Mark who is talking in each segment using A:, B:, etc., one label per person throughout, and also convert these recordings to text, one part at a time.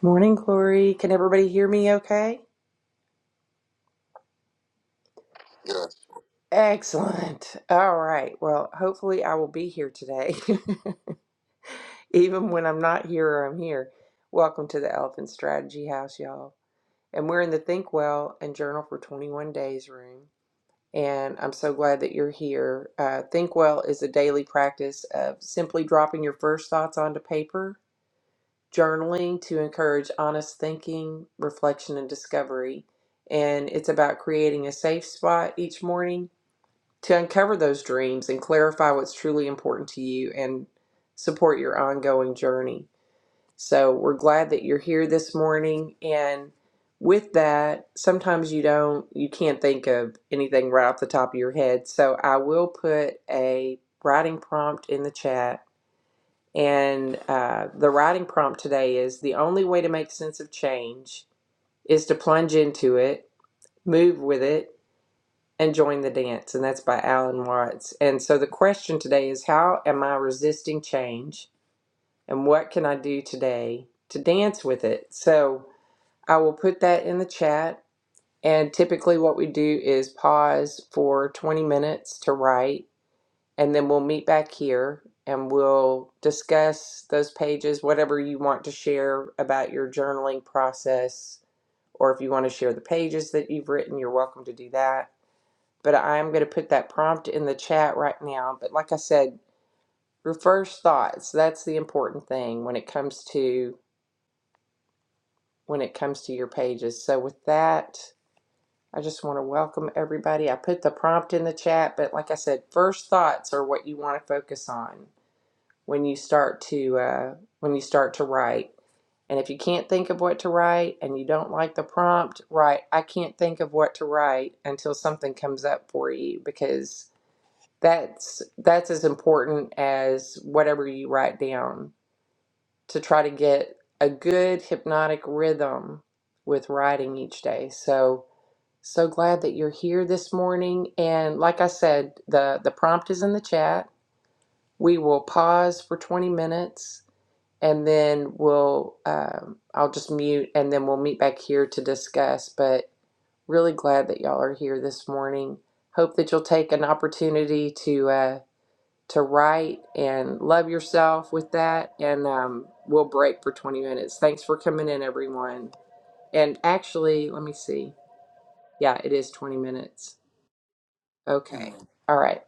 A: Morning, Glory. Can everybody hear me okay? Yes. Excellent. All right. Well, hopefully, I will be here today. Even when I'm not here or I'm here. Welcome to the Elephant Strategy House, y'all. And we're in the Think Well and Journal for 21 Days room. And I'm so glad that you're here. Uh, Think Well is a daily practice of simply dropping your first thoughts onto paper journaling to encourage honest thinking, reflection, and discovery. And it's about creating a safe spot each morning to uncover those dreams and clarify what's truly important to you and support your ongoing journey. So we're glad that you're here this morning. And with that, sometimes you don't, you can't think of anything right off the top of your head. So I will put a writing prompt in the chat and uh, the writing prompt today is the only way to make sense of change is to plunge into it, move with it, and join the dance. And that's by Alan Watts. And so the question today is how am I resisting change? And what can I do today to dance with it? So I will put that in the chat. And typically, what we do is pause for 20 minutes to write and then we'll meet back here and we'll discuss those pages, whatever you want to share about your journaling process, or if you want to share the pages that you've written, you're welcome to do that. But I'm going to put that prompt in the chat right now. But like I said, your first thoughts, that's the important thing when it comes to when it comes to your pages. So with that, I just want to welcome everybody. I put the prompt in the chat, but like I said, first thoughts are what you want to focus on when you start to uh, when you start to write. And if you can't think of what to write and you don't like the prompt, write I can't think of what to write until something comes up for you because that's that's as important as whatever you write down to try to get a good hypnotic rhythm with writing each day. So so glad that you're here this morning and like I said, the the prompt is in the chat. We will pause for 20 minutes and then we'll um, I'll just mute and then we'll meet back here to discuss. But really glad that y'all are here this morning. Hope that you'll take an opportunity to uh, to write and love yourself with that, and um, we'll break for twenty minutes. Thanks for coming in, everyone. And actually, let me see. Yeah, it is twenty minutes. Okay. All right.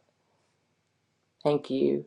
A: Thank you.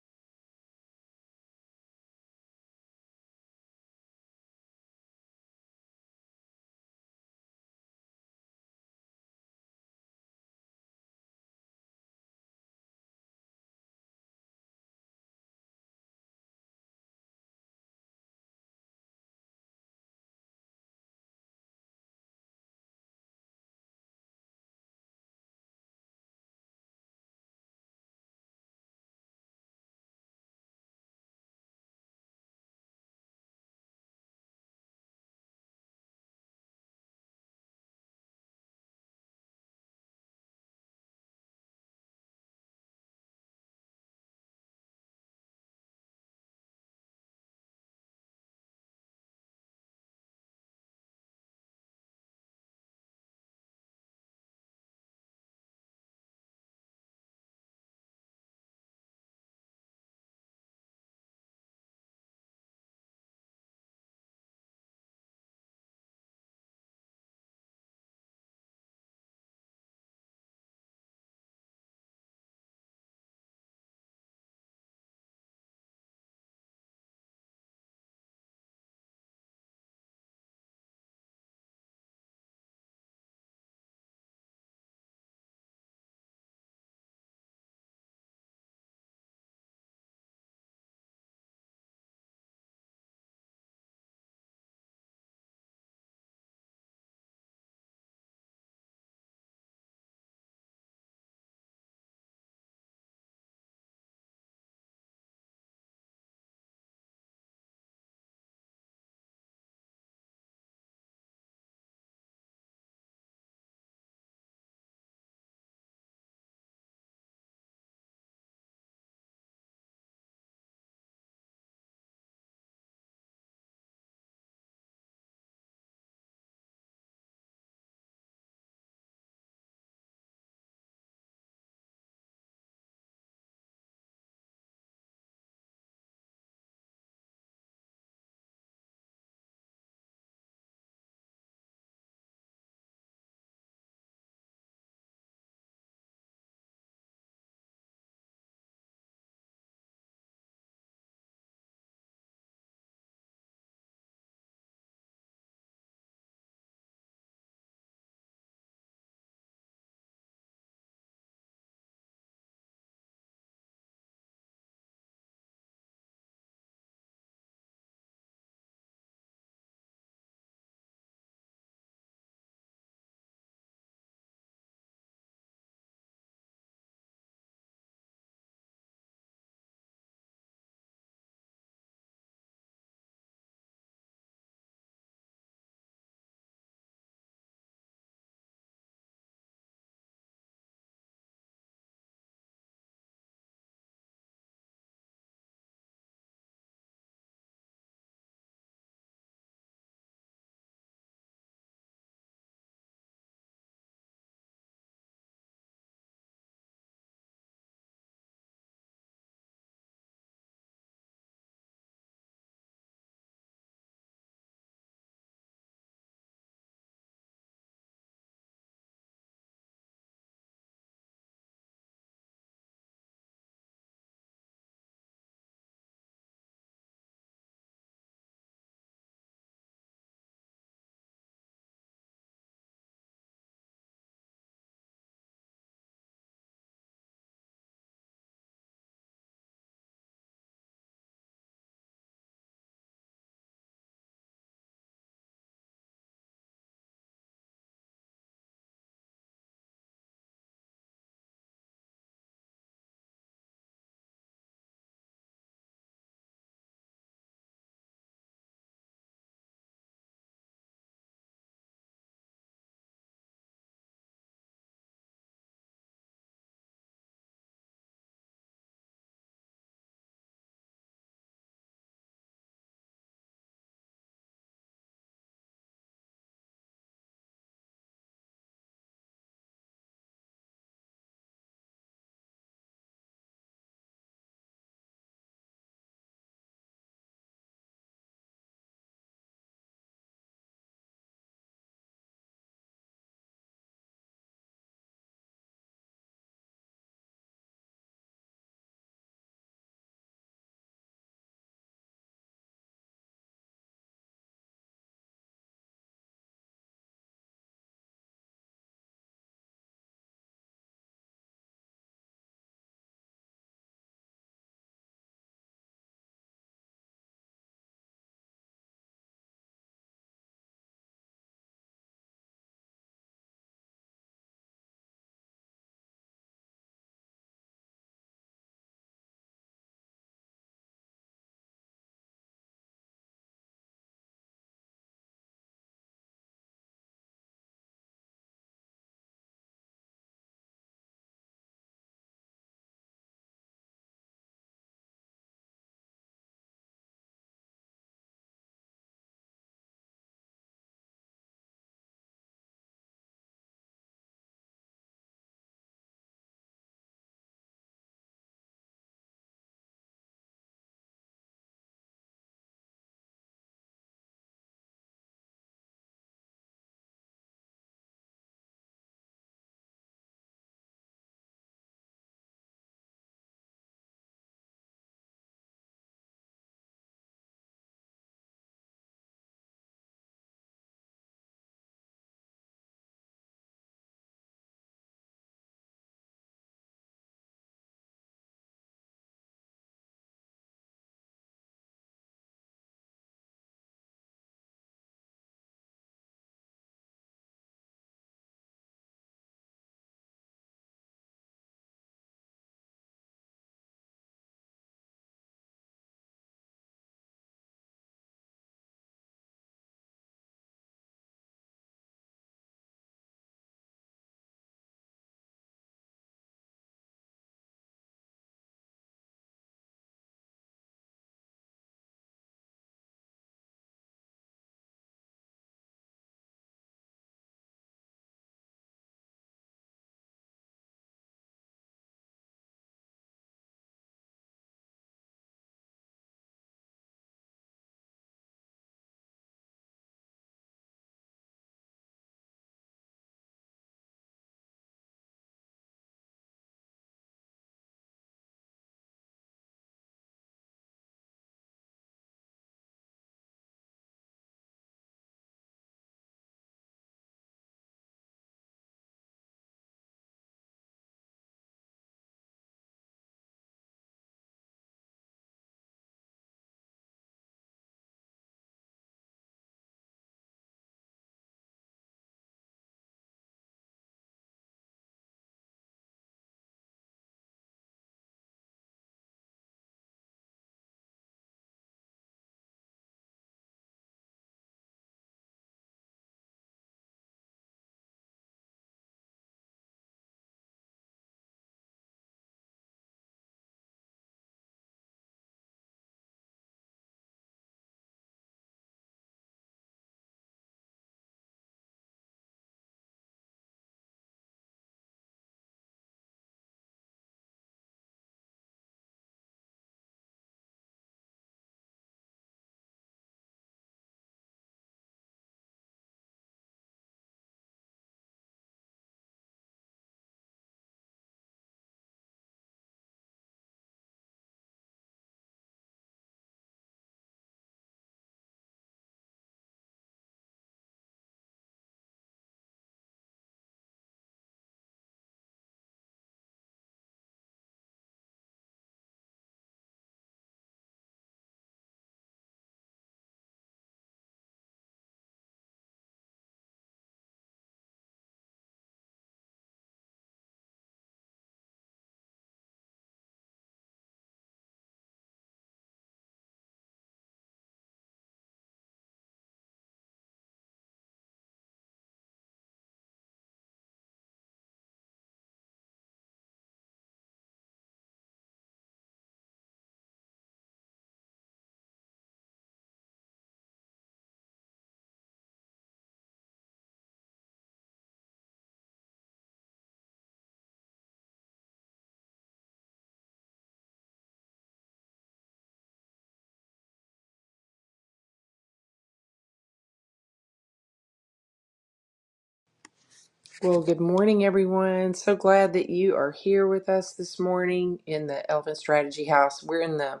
A: Well, good morning, everyone. So glad that you are here with us this morning in the Elephant Strategy House. We're in the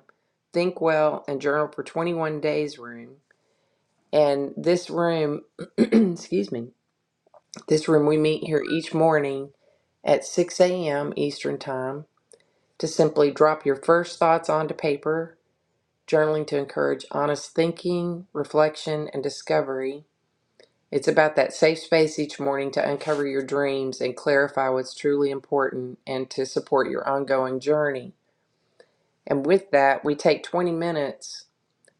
A: Think Well and Journal for 21 Days room. And this room, excuse me, this room we meet here each morning at 6 a.m. Eastern Time to simply drop your first thoughts onto paper, journaling to encourage honest thinking, reflection, and discovery. It's about that safe space each morning to uncover your dreams and clarify what's truly important and to support your ongoing journey. And with that, we take 20 minutes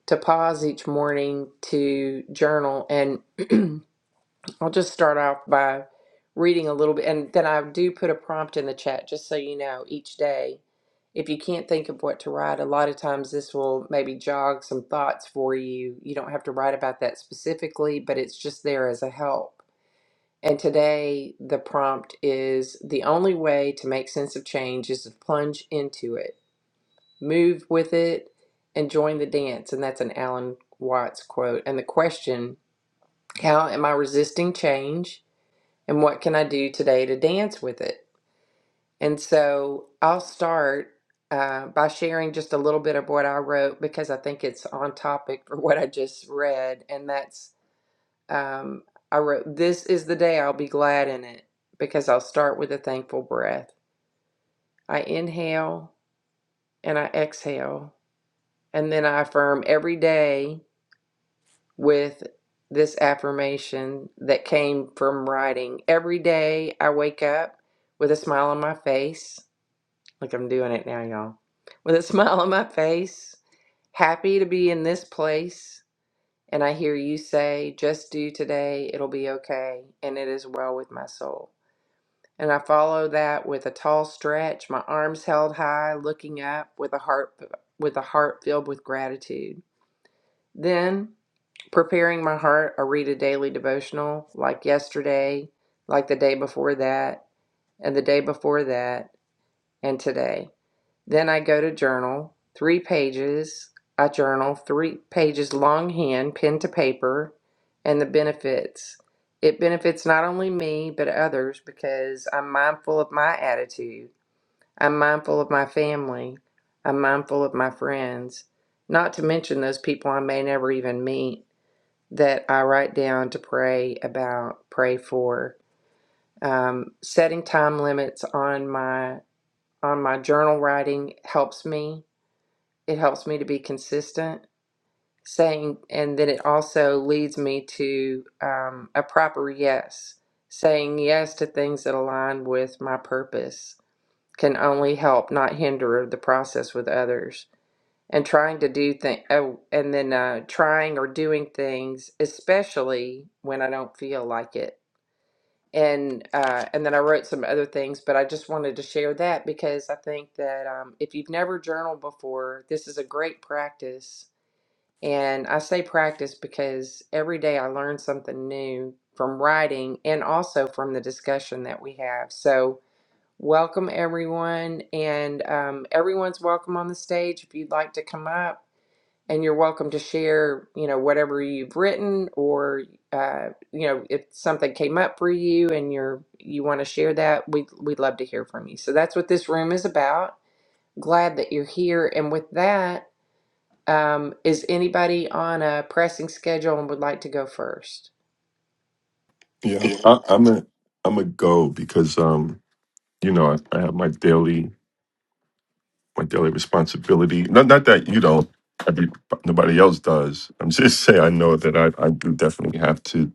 A: to pause each morning to journal. And I'll just start off by reading a little bit. And then I do put a prompt in the chat just so you know each day. If you can't think of what to write, a lot of times this will maybe jog some thoughts for you. You don't have to write about that specifically, but it's just there as a help. And today, the prompt is the only way to make sense of change is to plunge into it, move with it, and join the dance. And that's an Alan Watts quote. And the question how am I resisting change? And what can I do today to dance with it? And so I'll start uh, by sharing just a little bit of what I wrote because I think it's on topic for what I just read. And that's um, I wrote, This is the day I'll be glad in it because I'll start with a thankful breath. I inhale and I exhale, and then I affirm every day with this affirmation that came from writing. Every day I wake up with a smile on my face. Like I'm doing it now, y'all. With a smile on my face, happy to be in this place. And I hear you say, just do today, it'll be okay, and it is well with my soul. And I follow that with a tall stretch, my arms held high, looking up with a heart with a heart filled with gratitude. Then, preparing my heart, I read a daily devotional like yesterday, like the day before that, and the day before that, and today. Then I go to journal, 3 pages. I journal 3 pages longhand, pen to paper, and the benefits. It benefits not only me, but others because I'm mindful of my attitude. I'm mindful of my family. I'm mindful of my friends, not to mention those people I may never even meet that I write down to pray about, pray for. Um, setting time limits on my on my journal writing helps me. It helps me to be consistent. Saying and then it also leads me to um, a proper yes, saying yes to things that align with my purpose can only help, not hinder the process with others. And trying to do things, oh, and then uh, trying or doing things, especially when I don't feel like it. And uh, and then I wrote some other things, but I just wanted to share that because I think that um, if you've never journaled before, this is a great practice. And I say practice because every day I learn something new from writing and also from the discussion that we have. So Welcome, everyone, and um, everyone's welcome on the stage if you'd like to come up. And you're welcome to share, you know, whatever you've written, or uh, you know, if something came up for you and you're you want to share that, we we'd love to hear from you. So that's what this room is about. Glad that you're here. And with that, um, is anybody on a pressing schedule and would like to go first?
B: Yeah, I, I'm a I'm a go because um you know I, I have my daily my daily responsibility. Not not that you don't. Every, nobody else does. I'm just saying I know that I, I do definitely have to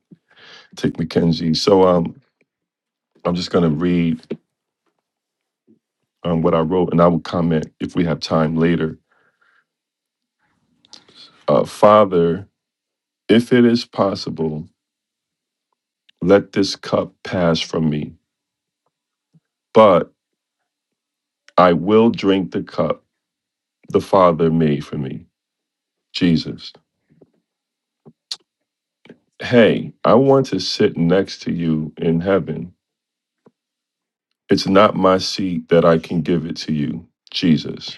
B: take Mackenzie. So um I'm just gonna read um what I wrote and I will comment if we have time later. Uh, Father, if it is possible, let this cup pass from me, but I will drink the cup the Father made for me, Jesus. Hey, I want to sit next to you in heaven. It's not my seat that I can give it to you, Jesus.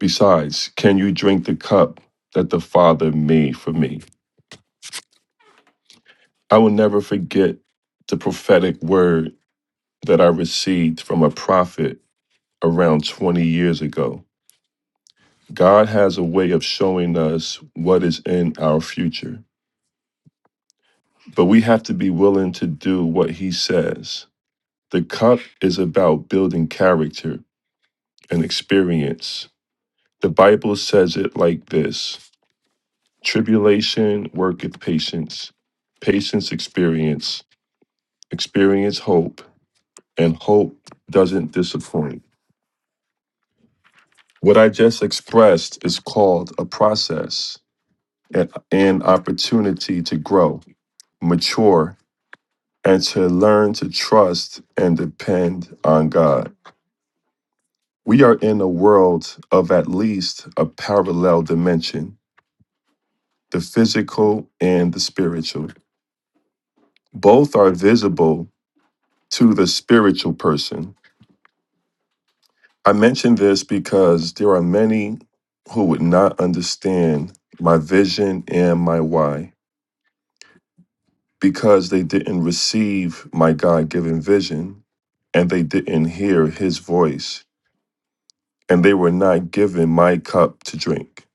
B: Besides, can you drink the cup that the Father made for me? I will never forget the prophetic word that I received from a prophet around 20 years ago. God has a way of showing us what is in our future, but we have to be willing to do what He says. The cup is about building character and experience. The Bible says it like this Tribulation worketh patience, patience experience, experience hope, and hope doesn't disappoint. What I just expressed is called a process and an opportunity to grow, mature, and to learn to trust and depend on God. We are in a world of at least a parallel dimension the physical and the spiritual. both are visible to the spiritual person. I mention this because there are many who would not understand my vision and my why because they didn't receive my God given vision and they didn't hear his voice and they were not given my cup to drink.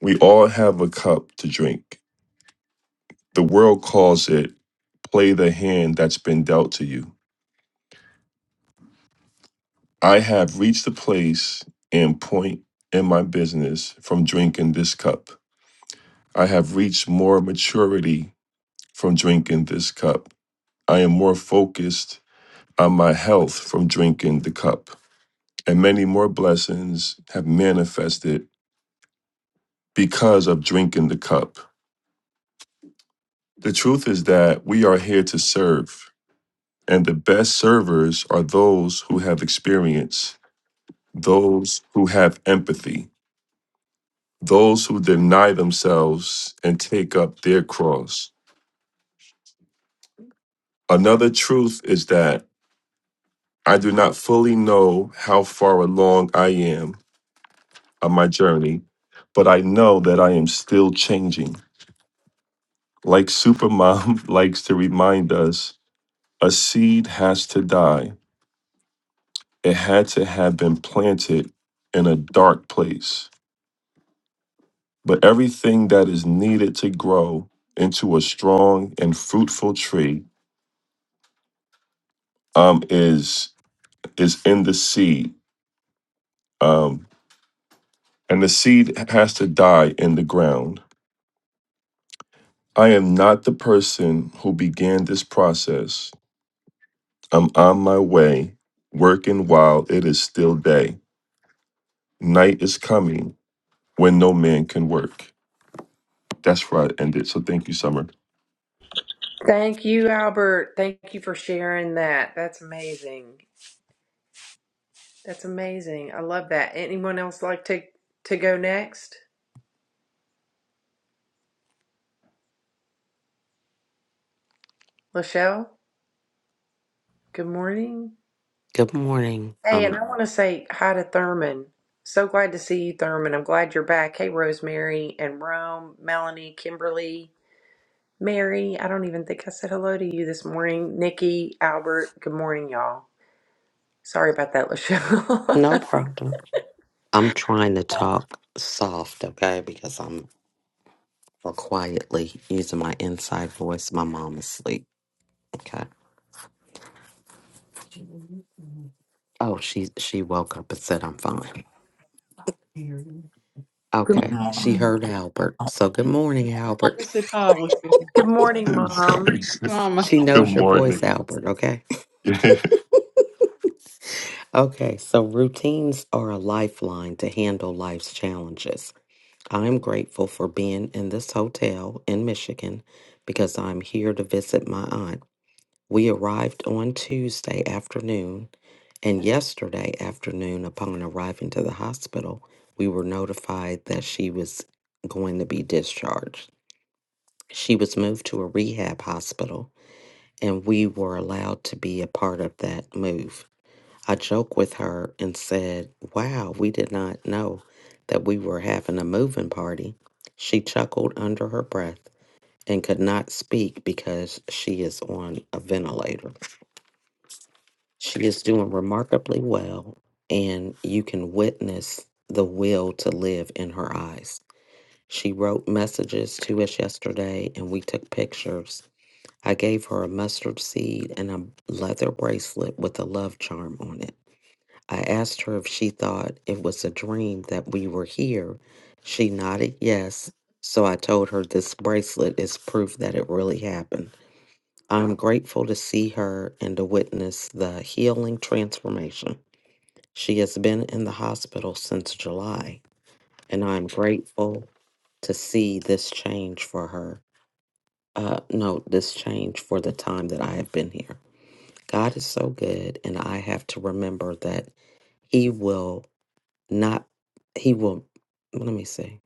B: We all have a cup to drink. The world calls it play the hand that's been dealt to you. I have reached the place and point in my business from drinking this cup. I have reached more maturity from drinking this cup. I am more focused on my health from drinking the cup. And many more blessings have manifested because of drinking the cup. The truth is that we are here to serve, and the best servers are those who have experience, those who have empathy those who deny themselves and take up their cross. Another truth is that I do not fully know how far along I am on my journey, but I know that I am still changing. Like Supermom likes to remind us, a seed has to die. It had to have been planted in a dark place. But everything that is needed to grow into a strong and fruitful tree um, is is in the seed, um, and the seed has to die in the ground. I am not the person who began this process. I'm on my way, working while it is still day. Night is coming when no man can work. That's where I ended. So thank you, Summer.
A: Thank you, Albert. Thank you for sharing that. That's amazing. That's amazing. I love that. Anyone else like to to go next? Lachelle, good morning.
C: Good morning.
A: Hey, and I
C: Um,
A: want to say hi to Thurman. So glad to see you, Thurman. I'm glad you're back. Hey, Rosemary and Rome, Melanie, Kimberly, Mary. I don't even think I said hello to you this morning. Nikki, Albert, good morning, y'all. Sorry about that,
C: no
A: Lachelle.
C: problem. I'm trying to talk soft, okay, because I'm or quietly using my inside voice. My mom is asleep. Okay. Oh, she she woke up and said I'm fine.
A: good,
C: Okay. She heard Albert. So good morning, Albert.
D: We said hi, LaShawn.
A: good morning, Mom.
D: Mama,
C: She
B: Good
C: knows your voice,
B: morning.
C: Albert, okay? Okay, so routines are a lifeline to handle life's challenges. I am grateful for being in this hotel in Michigan because I'm here to visit my aunt. We arrived on Tuesday afternoon, and yesterday afternoon, upon arriving to the hospital, we were notified that she was going to be discharged. She was moved to a rehab hospital, and we were allowed to be a part of that move. I joked with her and said, Wow, we did not know that we were having a moving party. She chuckled under her breath and could not speak because she is on a ventilator. She is doing remarkably well, and you can witness the will to live in her eyes. She wrote messages to us yesterday, and we took pictures. I gave her a mustard seed and a leather bracelet with a love charm on it. I asked her if she thought it was a dream that we were here. She nodded yes, so I told her this bracelet is proof that it really happened. I'm grateful to see her and to witness the healing transformation. She has been in the hospital since July, and I'm grateful to see this change for her. Uh, no, this change for the time that I have been here. God is so good, and I have to remember that He will not, He will, well, let me see.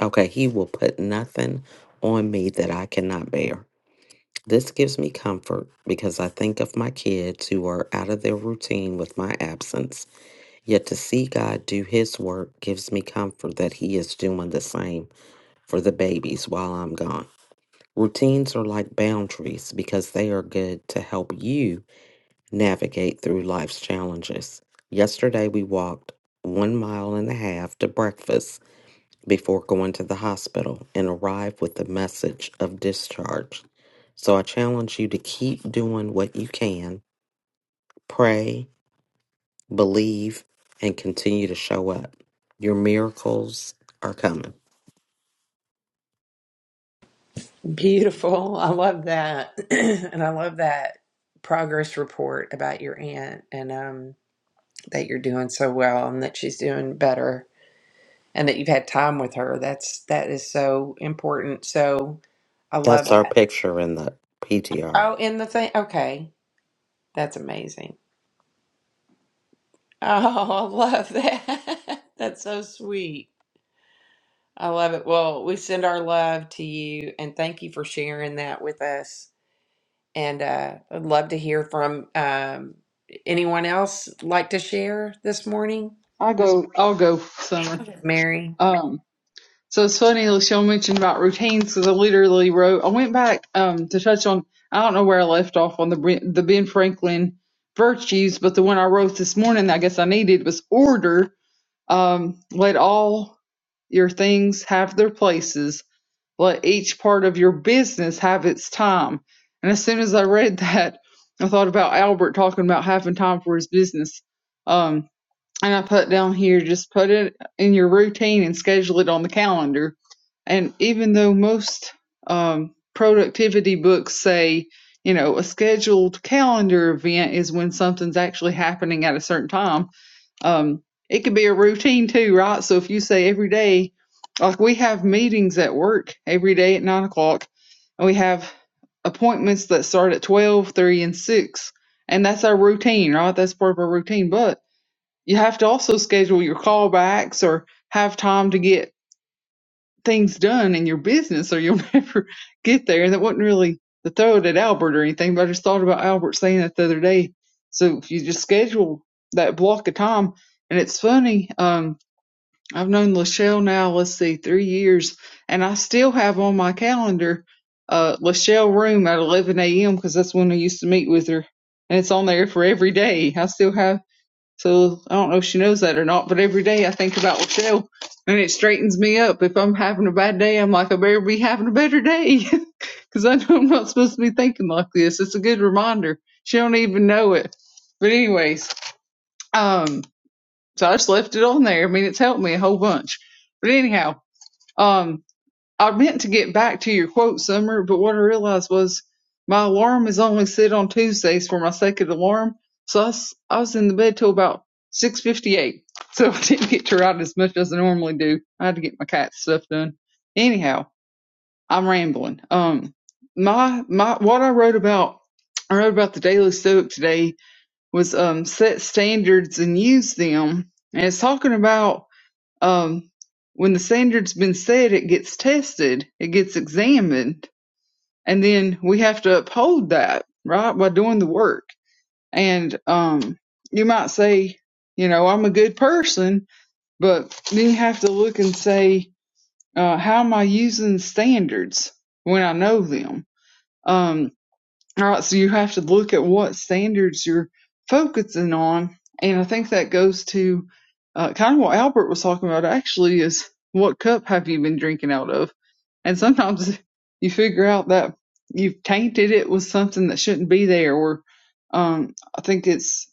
C: Okay, He will put nothing on me that I cannot bear. This gives me comfort because I think of my kids who are out of their routine with my absence Yet to see God do his work gives me comfort that he is doing the same for the babies while I'm gone. Routines are like boundaries because they are good to help you navigate through life's challenges. Yesterday, we walked one mile and a half to breakfast before going to the hospital and arrived with the message of discharge. So I challenge you to keep doing what you can. Pray, believe, and continue to show up. Your miracles are coming.
A: Beautiful. I love that. and I love that progress report about your aunt and um that you're doing so well and that she's doing better and that you've had time with her. That's that is so important. So I love
C: That's our
A: that.
C: picture in the PTR.
A: Oh, in the thing. Okay. That's amazing. Oh, I love that. That's so sweet. I love it. Well, we send our love to you and thank you for sharing that with us. And uh, I'd love to hear from um, anyone else like to share this morning.
D: I go, I'll go, Summer.
A: Okay. Mary.
D: Um, so it's funny, LaShawn mentioned about routines because I literally wrote, I went back, um, to touch on, I don't know where I left off on the, Ben- the Ben Franklin virtues, but the one I wrote this morning, that I guess I needed was order. Um, let all your things have their places. Let each part of your business have its time. And as soon as I read that, I thought about Albert talking about having time for his business. Um. and I put down here, just put it in your routine and schedule it on the calendar. And even though most um, productivity books say, you know, a scheduled calendar event is when something's actually happening at a certain time, um, it could be a routine too, right? So if you say every day, like we have meetings at work every day at nine o'clock, and we have appointments that start at 12, 3, and 6. And that's our routine, right? That's part of our routine. But you have to also schedule your callbacks or have time to get things done in your business or you'll never get there. And That wasn't really the throw it at Albert or anything, but I just thought about Albert saying that the other day. So if you just schedule that block of time, and it's funny, um, I've known Lachelle now, let's see, three years, and I still have on my calendar uh, Lachelle Room at 11 a.m. because that's when I used to meet with her and it's on there for every day. I still have so I don't know if she knows that or not, but every day I think about Rochelle and it straightens me up. If I'm having a bad day, I'm like, I better be having a better day because I know I'm not supposed to be thinking like this. It's a good reminder. She don't even know it. But anyways, um, so I just left it on there. I mean, it's helped me a whole bunch. But anyhow, um, I meant to get back to your quote, Summer, but what I realized was my alarm is only set on Tuesdays for my second alarm, so I was, I was in the bed till about 6.58, so I didn't get to write as much as I normally do. I had to get my cat stuff done. Anyhow, I'm rambling. Um, my, my, what I wrote about, I wrote about the Daily Stoic today was, um, set standards and use them, and it's talking about um, when the standard's been set, it gets tested, it gets examined, and then we have to uphold that, right, by doing the work. And um, you might say, you know, I'm a good person, but then you have to look and say, uh, how am I using standards when I know them? Um. All right, so you have to look at what standards you're focusing on, and I think that goes to uh, kind of what Albert was talking about. Actually, is what cup have you been drinking out of? And sometimes you figure out that you've tainted it with something that shouldn't be there. Or um, I think it's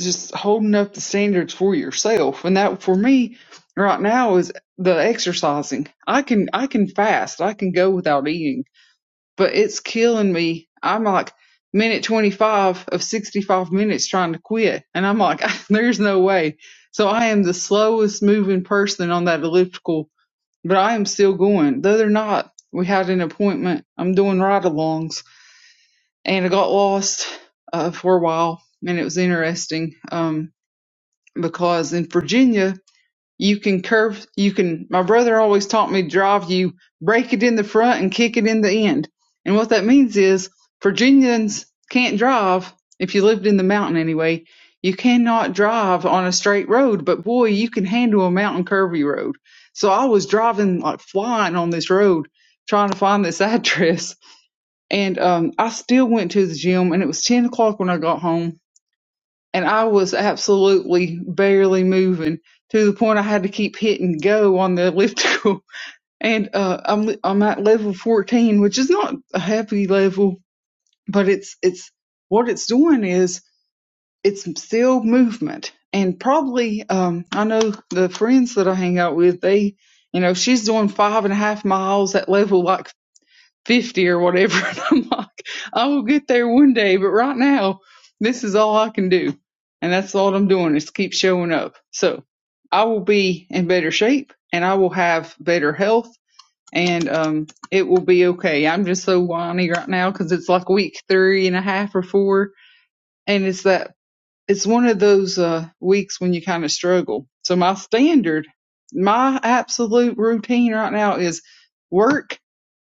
D: just holding up the standards for yourself, and that for me right now is the exercising. I can I can fast. I can go without eating but it's killing me. I'm like minute 25 of 65 minutes trying to quit. And I'm like, there's no way. So I am the slowest moving person on that elliptical, but I am still going. Though they're not, we had an appointment. I'm doing ride alongs and I got lost uh, for a while. And it was interesting um, because in Virginia, you can curve, you can, my brother always taught me drive you, break it in the front and kick it in the end. And what that means is Virginians can't drive, if you lived in the mountain anyway, you cannot drive on a straight road, but boy, you can handle a mountain curvy road. So I was driving like flying on this road trying to find this address. And um, I still went to the gym and it was 10 o'clock when I got home and I was absolutely barely moving to the point I had to keep hitting go on the elliptical. And uh, I'm I'm at level 14, which is not a happy level, but it's it's what it's doing is it's still movement. And probably um, I know the friends that I hang out with, they you know she's doing five and a half miles at level like 50 or whatever. And I'm like, I will get there one day, but right now, this is all I can do. And that's all I'm doing is keep showing up. So I will be in better shape and I will have better health and um, it will be okay. I'm just so whiny right now because it's like week three and a half or four. And it's that, it's one of those uh, weeks when you kind of struggle. So my standard, my absolute routine right now is work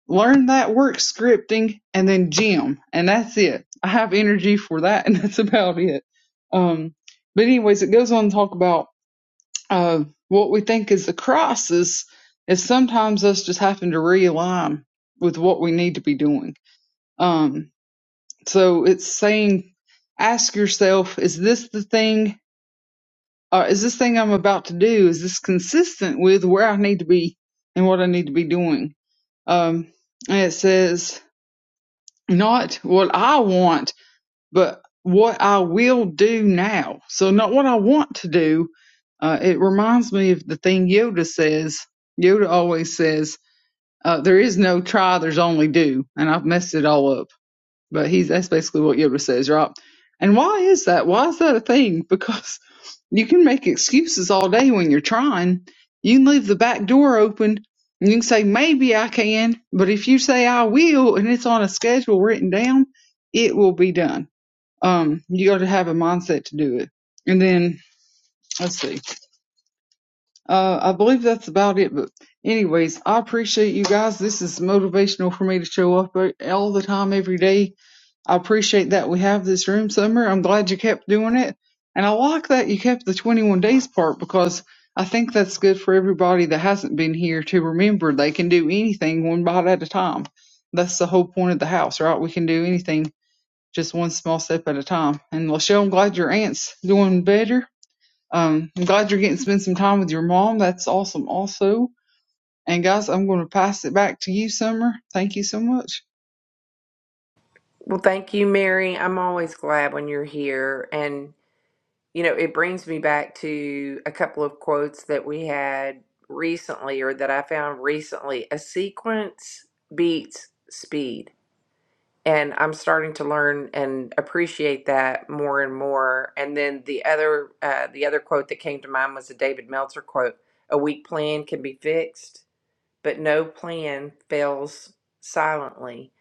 D: learn that work scripting and then gym and that's it i have energy for that and that's about it um but anyways it goes on to talk about uh what we think is the crisis is sometimes us just having to realign with what we need to be doing um so it's saying ask yourself is this the thing uh, is this thing i'm about to do is this consistent with where i need to be and what i need to be doing um and it says not what I want, but what I will do now. So not what I want to do. Uh, it reminds me of the thing Yoda says. Yoda always says, uh, "There is no try, there's only do," and I've messed it all up. But he's that's basically what Yoda says, right? And why is that? Why is that a thing? Because you can make excuses all day when you're trying. You can leave the back door open and you can say, Maybe I can, but if you say I will and it's on a schedule written down, it will be done. Um, you gotta have a mindset to do it. And then let's see. Uh I believe that's about it, but anyways, I appreciate you guys. This is motivational for me to show up all the time every day I appreciate that we have this room, Summer. I'm glad you kept doing it. And I like that you kept the 21 days part because I think that's good for everybody that hasn't been here to remember they can do anything one bite at a time. That's the whole point of the house, right? We can do anything just one small step at a time. And Lachelle, I'm glad your aunt's doing better. Um, I'm glad you're getting to spend some time with your mom. That's awesome, also. And guys, I'm going to pass it back to you, Summer. Thank you so much.
A: Well, thank you, Mary. I'm always glad when you're here. And, you know, it brings me back to a couple of quotes that we had recently or that I found recently. A sequence beats speed. and I'm starting to learn and appreciate that more and more. And then the other uh, the other quote that came to mind was a David Meltzer quote: "A weak plan can be fixed, but no plan fails silently."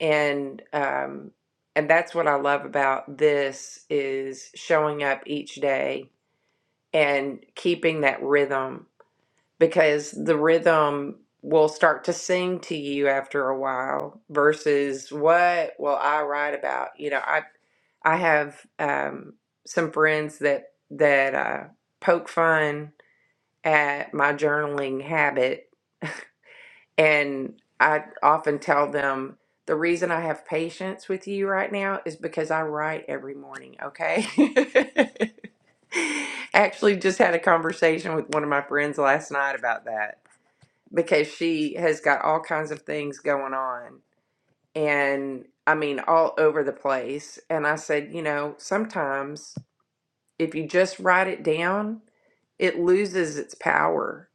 A: And um, and that's what I love about this is showing up each day and keeping that rhythm because the rhythm will start to sing to you after a while versus what will I write about? You know, I I have um, some friends that that uh, poke fun at my journaling habit, and I often tell them the reason I have patience with you right now is because I write every morning. Okay. Actually, just had a conversation with one of my friends last night about that because she has got all kinds of things going on and I mean all over the place and I said, you know, sometimes if you just write it down, it loses its power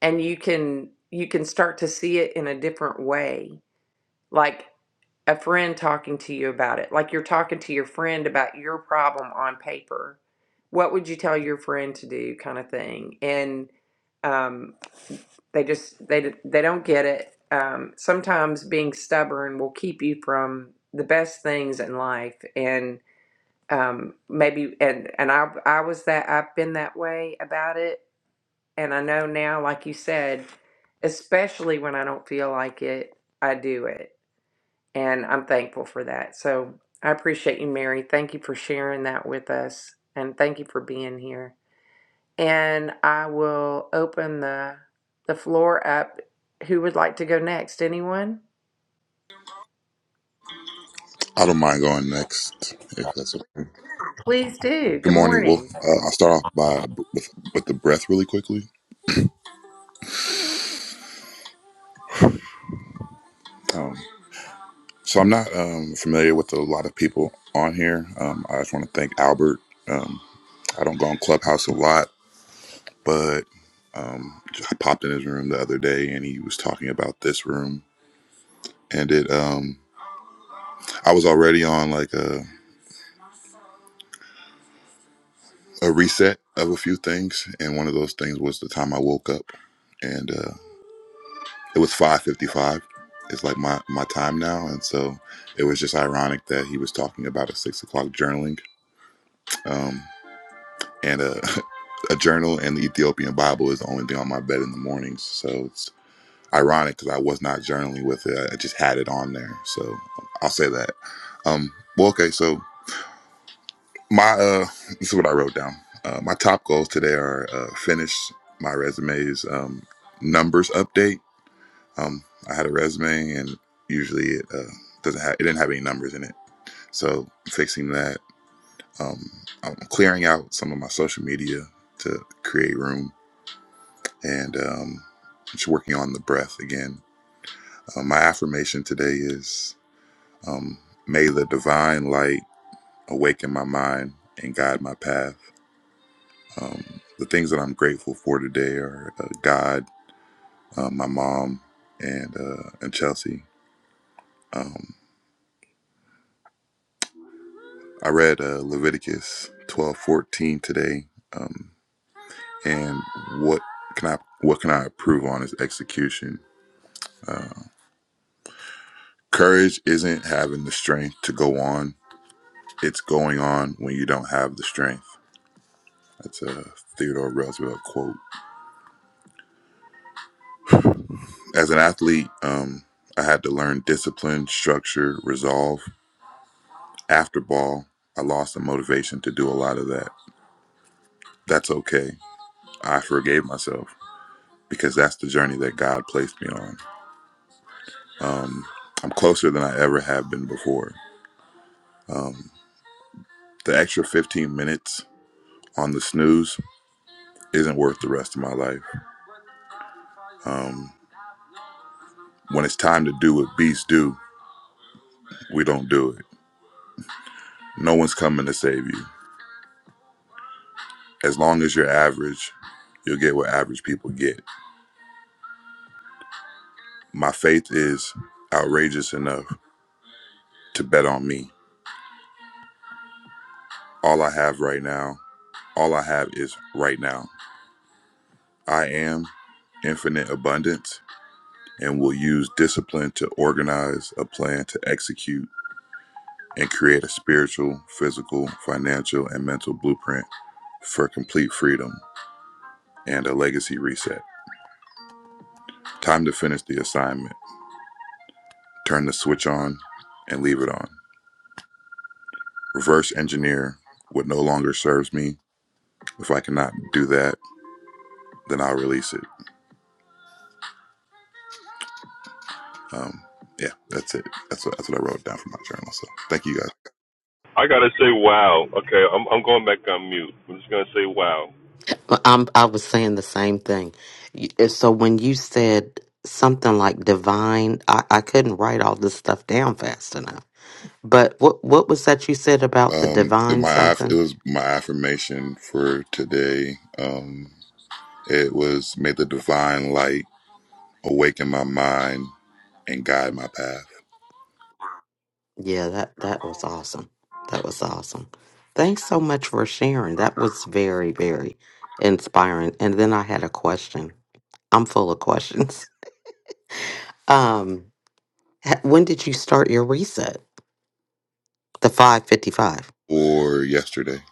A: and you can you can start to see it in a different way. Like a friend talking to you about it, like you're talking to your friend about your problem on paper. What would you tell your friend to do, kind of thing? And um, they just they they don't get it. Um, sometimes being stubborn will keep you from the best things in life, and um, maybe and and I I was that I've been that way about it, and I know now, like you said, especially when I don't feel like it, I do it and I'm thankful for that. So I appreciate you, Mary. Thank you for sharing that with us, and thank you for being here. And I will open the the floor up. Who would like to go next? Anyone?
E: I don't mind going next, if that's okay.
A: Please do.
E: Good
A: Good
E: morning. Well,
A: morning.
E: uh, I'll start off by with, with the breath really quickly. Um, so I'm not um, familiar with a lot of people on here. Um, I just want to thank Albert. Um, I don't go on Clubhouse a lot, but um, I popped in his room the other day, and he was talking about this room, and it. Um, I was already on like a a reset of a few things, and one of those things was the time I woke up, and. Uh, it was 5.55 it's like my, my time now and so it was just ironic that he was talking about a six o'clock journaling um, and a, a journal and the ethiopian bible is the only thing on my bed in the mornings so it's ironic because i was not journaling with it i just had it on there so i'll say that um, well okay so my uh, this is what i wrote down uh, my top goals today are uh, finish my resumes um, numbers update Um, I had a resume, and usually it uh, doesn't have it didn't have any numbers in it. So fixing that, um, I'm clearing out some of my social media to create room, and um, just working on the breath again. Uh, my affirmation today is, um, may the divine light awaken my mind and guide my path. Um, the things that I'm grateful for today are uh, God, uh, my mom, and uh, and Chelsea. Um, I read uh, Leviticus twelve fourteen today, um, and what can I what can I improve on is execution. Courage isn't having the strength to go on; it's going on when you don't have the strength. That's a Theodore Roosevelt quote. As an athlete, um, I had to learn discipline, structure, resolve. After ball, I lost the motivation to do a lot of that. That's okay. I forgave myself because that's the journey that God placed me on. I'm closer than I ever have been before. The extra 15 minutes on the snooze isn't worth the rest of my life. Um, when it's time to do what beasts do, we don't do it. No one's coming to save you. As long as you're average, you'll get what average people get. My faith is outrageous enough to bet on me. All I have right now, all I have is right now. I am infinite abundance and will use discipline to organize a plan to execute and create a spiritual, physical, financial, and mental blueprint for complete freedom and a legacy reset. Time to finish the assignment. Turn the switch on and leave it on. Reverse engineer what no longer serves me. If I cannot do that, then I'll release it. Um, yeah, that's it. That's what, that's what I wrote down for my journal. So thank you guys.
B: I gotta say, wow. Okay, I'm I'm going back on mute. I'm just gonna say, wow.
C: I'm, I was saying the same thing. You- So when you said something like divine, I, I couldn't write all this stuff down fast enough. But what what was that you said about the
E: Um,
C: divine
E: my aff- it
C: something?
E: was my affirmation for today. Um, it was may the divine light awaken my mind and guide my path
C: Yeah, that that was awesome. That was awesome. Thanks so much for sharing. That was very very inspiring. And then I had a question. I'm full of questions. Um, ha- when did you start your reset? The 555.
E: or yesterday.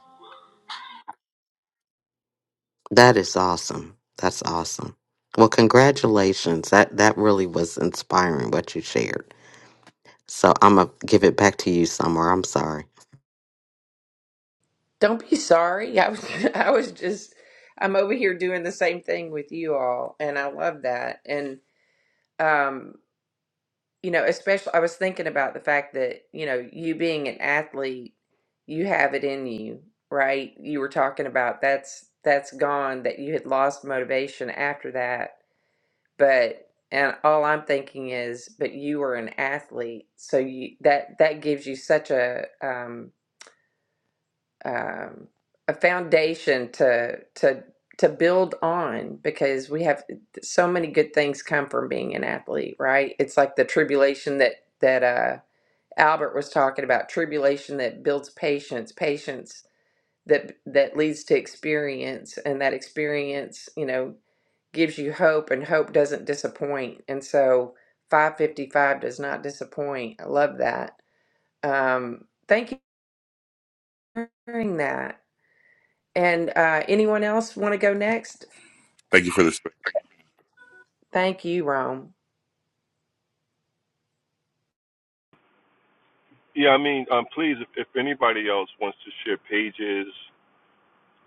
C: That is awesome. That's awesome. Well, congratulations. That that really was inspiring what you shared. So I'm gonna give it back to you somewhere. I'm sorry.
A: Don't be sorry. I was I was just I'm over here doing the same thing with you all, and I love that. And um, you know, especially I was thinking about the fact that, you know, you being an athlete, you have it in you, right? You were talking about that's that's gone, that you had lost motivation after that. But and all I'm thinking is, but you were an athlete, so you that that gives you such a um, um, a foundation to to to build on because we have so many good things come from being an athlete, right? It's like the tribulation that that uh Albert was talking about tribulation that builds patience, patience that that leads to experience, and that experience, you know, gives you hope, and hope doesn't disappoint. And so, five fifty five does not disappoint. I love that. Um, thank you for hearing that. And uh, anyone else want to go next?
E: Thank you for this.
A: Thank you, Rome.
B: Yeah, I mean, um, please, if, if anybody else wants to share pages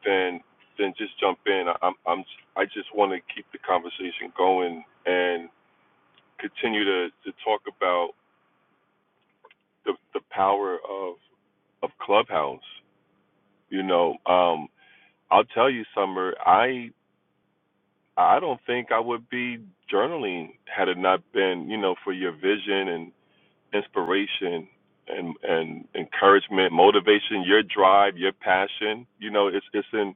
B: then then just jump in. I- am I'm I just want to keep the conversation going and continue to to talk about the the power of of Clubhouse. You know, um, I'll tell you, Summer, I I don't think I would be journaling had it not been you know for your vision and. inspiration and and encouragement, motivation, your drive, your passion. You know, it's it's in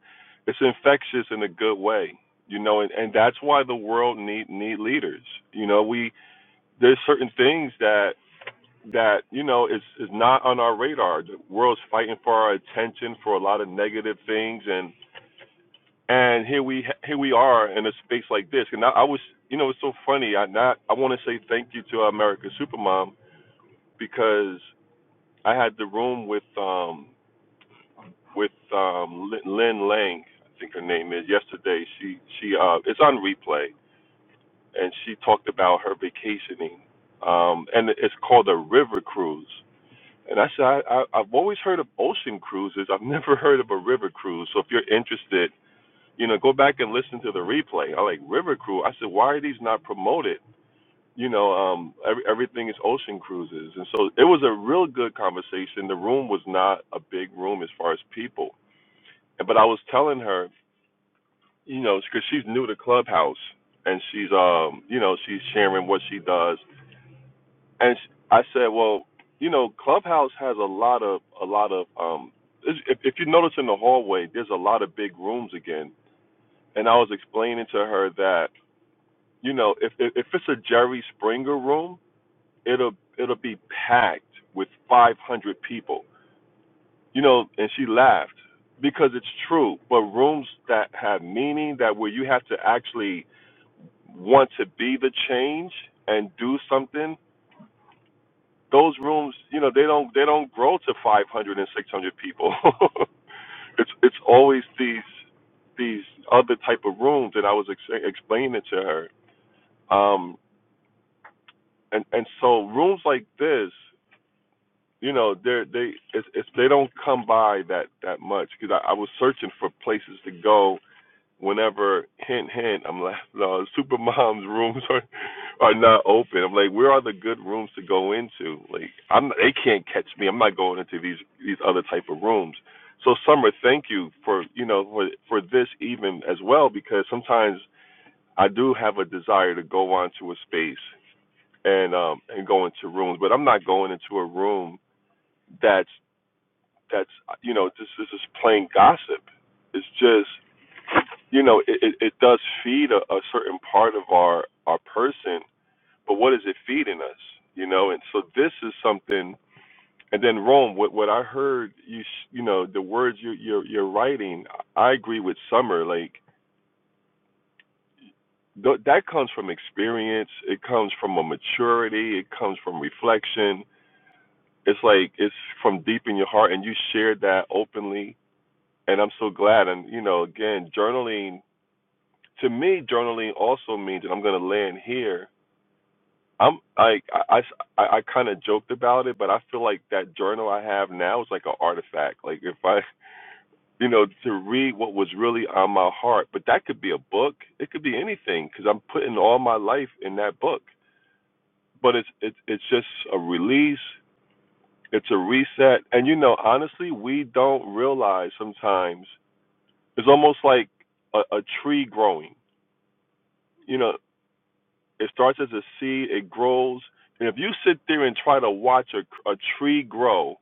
B: it's infectious in a good way. You know, and, and that's why the world need need leaders. You know, we there's certain things that that you know is is not on our radar. The world's fighting for our attention for a lot of negative things, and and here we here we are in a space like this. And I, I was, you know, it's so funny. I not I want to say thank you to America Supermom because I had the room with um with um Lin Lang, I think her name is. Yesterday, she she uh it's on replay, and she talked about her vacationing. Um, and it's called a river cruise. And I said I, I I've always heard of ocean cruises. I've never heard of a river cruise. So if you're interested, you know, go back and listen to the replay. I like river cruise. I said why are these not promoted? you know, um, every, everything is ocean cruises. And so it was a real good conversation. The room was not a big room as far as people. But I was telling her, you know, because she's new to Clubhouse and she's, um, you know, she's sharing what she does. And sh I said, well, you know, Clubhouse has a lot of, a lot of, um, if, if you notice in the hallway, there's a lot of big rooms again. And I was explaining to her that, you know, if, if, if it's a Jerry Springer room, it'll it'll be packed with 500 people you know and she laughed because it's true but rooms that have meaning that where you have to actually want to be the change and do something those rooms you know they don't they don't grow to 500 and 600 people it's it's always these these other type of rooms that I was ex- explaining it to her um and and so rooms like this you know they're they if, if they don't come by that that much because I, I was searching for places to go whenever hint hint i'm like no supermom's rooms are are not open i'm like where are the good rooms to go into like i'm they can't catch me i'm not going into these these other type of rooms so summer thank you for you know for for this even as well because sometimes i do have a desire to go onto a space and um and go into rooms but i'm not going into a room that's that's you know this this is just plain gossip. It's just you know it, it, it does feed a, a certain part of our our person, but what is it feeding us? You know, and so this is something. And then Rome, what what I heard you s- you know the words you you're, you're writing, I agree with Summer. Like th- that comes from experience. It comes from a maturity. It comes from reflection. It's like it's from deep in your heart, and you shared that openly and I'm so glad. And you know, again, journaling to me, journaling also means that I'm going to land here. I'm like I, I, I kind of joked about it, but I feel like that journal I have now is like an artifact. Like if I, you know, to read what was really on my heart, but that could be a book. It could be anything because I'm putting all my life in that book. But it's it's it's just a release. It's a reset. And you know, honestly, we don't realize sometimes it's almost like a, a tree growing you know, it starts as a seed, it grows, and if you sit there and try to watch a, a tree grow,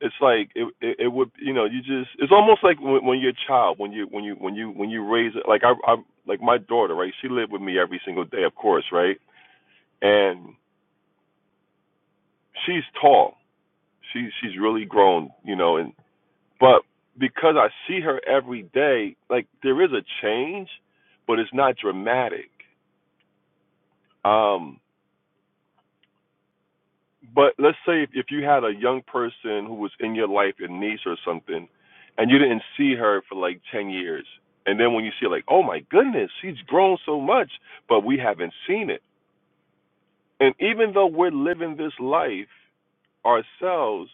B: it's like it, it it would you know you just it's almost like when, when you're a child when you when you when you when you raise it like I I like my daughter right she lived with me every single day of course right and she's tall she she's really grown you know and but because I see her every day like there is a change but it's not dramatic um But let's say if, if you had a young person who was in your life, a niece or something, and you didn't see her for like 10 years, and then when you see her, like, oh my goodness, she's grown so much, but we haven't seen it. And even though we're living this life ourselves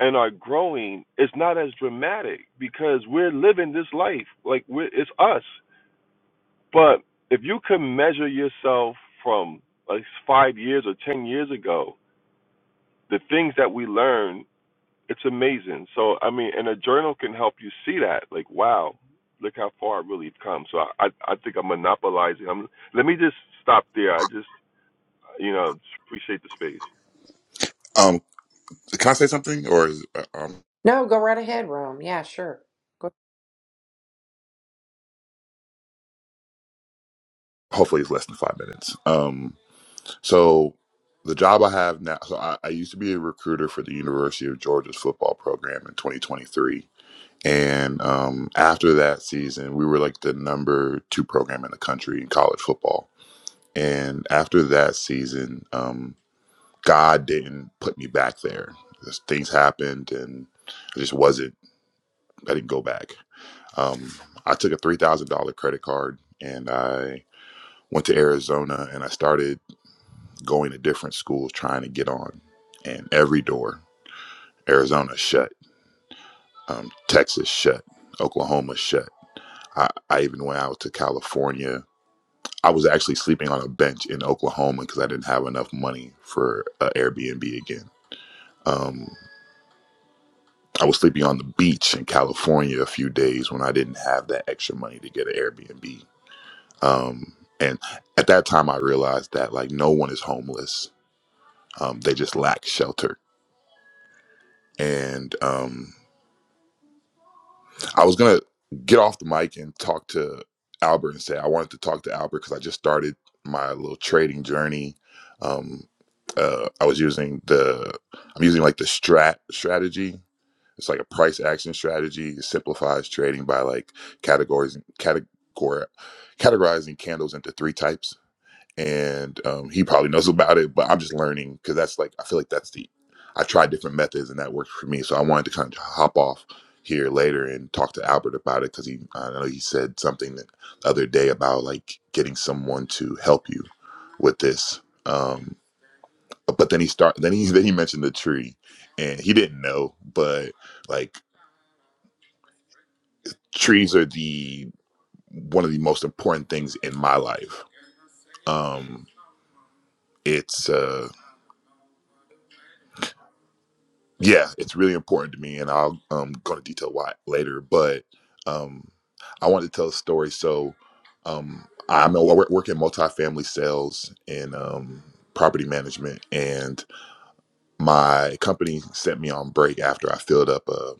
B: and are growing, it's not as dramatic because we're living this life. Like, we're, it's us. But if you can measure yourself from like five years or 10 years ago, the things that we learn it's amazing. So I mean, and a journal can help you see that. Like, wow, look how far I've really come. So I, I, I think I'm monopolizing. I'm, let me just stop there. I just, you know, appreciate the space.
E: Um, can I say something? Or is, uh, um,
A: No, go right ahead, Rome. Yeah, sure.
E: hopefully it's less than five minutes. Um, so the job I have now, so I, I used to be a recruiter for the University of Georgia's football program in 2023. And um, after that season, we were like the number two program in the country in college football. And after that season, um, God didn't put me back there. Just Things happened, and I just wasn't. I didn't go back. Um, I took a three thousand dollar credit card and I went to Arizona and I started going to different schools trying to get on. And every door, Arizona shut, um, Texas shut, Oklahoma shut. I, I even went out to California. I was actually sleeping on a bench in Oklahoma because I didn't have enough money for uh, Airbnb again. Um, I was sleeping on the beach in California a few days when I didn't have that extra money to get an Airbnb Um, and at that time, I realized that like no one is homeless. Um, they just lack shelter. And um, I was gonna get off the mic and talk to Albert and say I wanted to talk to Albert because I just started my little trading journey. Um, uh, I was using the I'm using like the strat strategy. It's like a price action strategy. It simplifies trading by like categories categor categorizing candles into three types and um, he probably knows about it but i'm just learning because that's like i feel like that's the i've tried different methods and that worked for me so i wanted to kind of hop off here later and talk to albert about it because he i know he said something the other day about like getting someone to help you with this um but then he start then he then he mentioned the tree and he didn't know but like trees are the one of the most important things in my life um it's uh, yeah, it's really important to me, and I'll um, go into detail why later. But um, I wanted to tell a story. So um, I'm a, I work work in multifamily sales and um, property management, and my company sent me on break after I filled up a,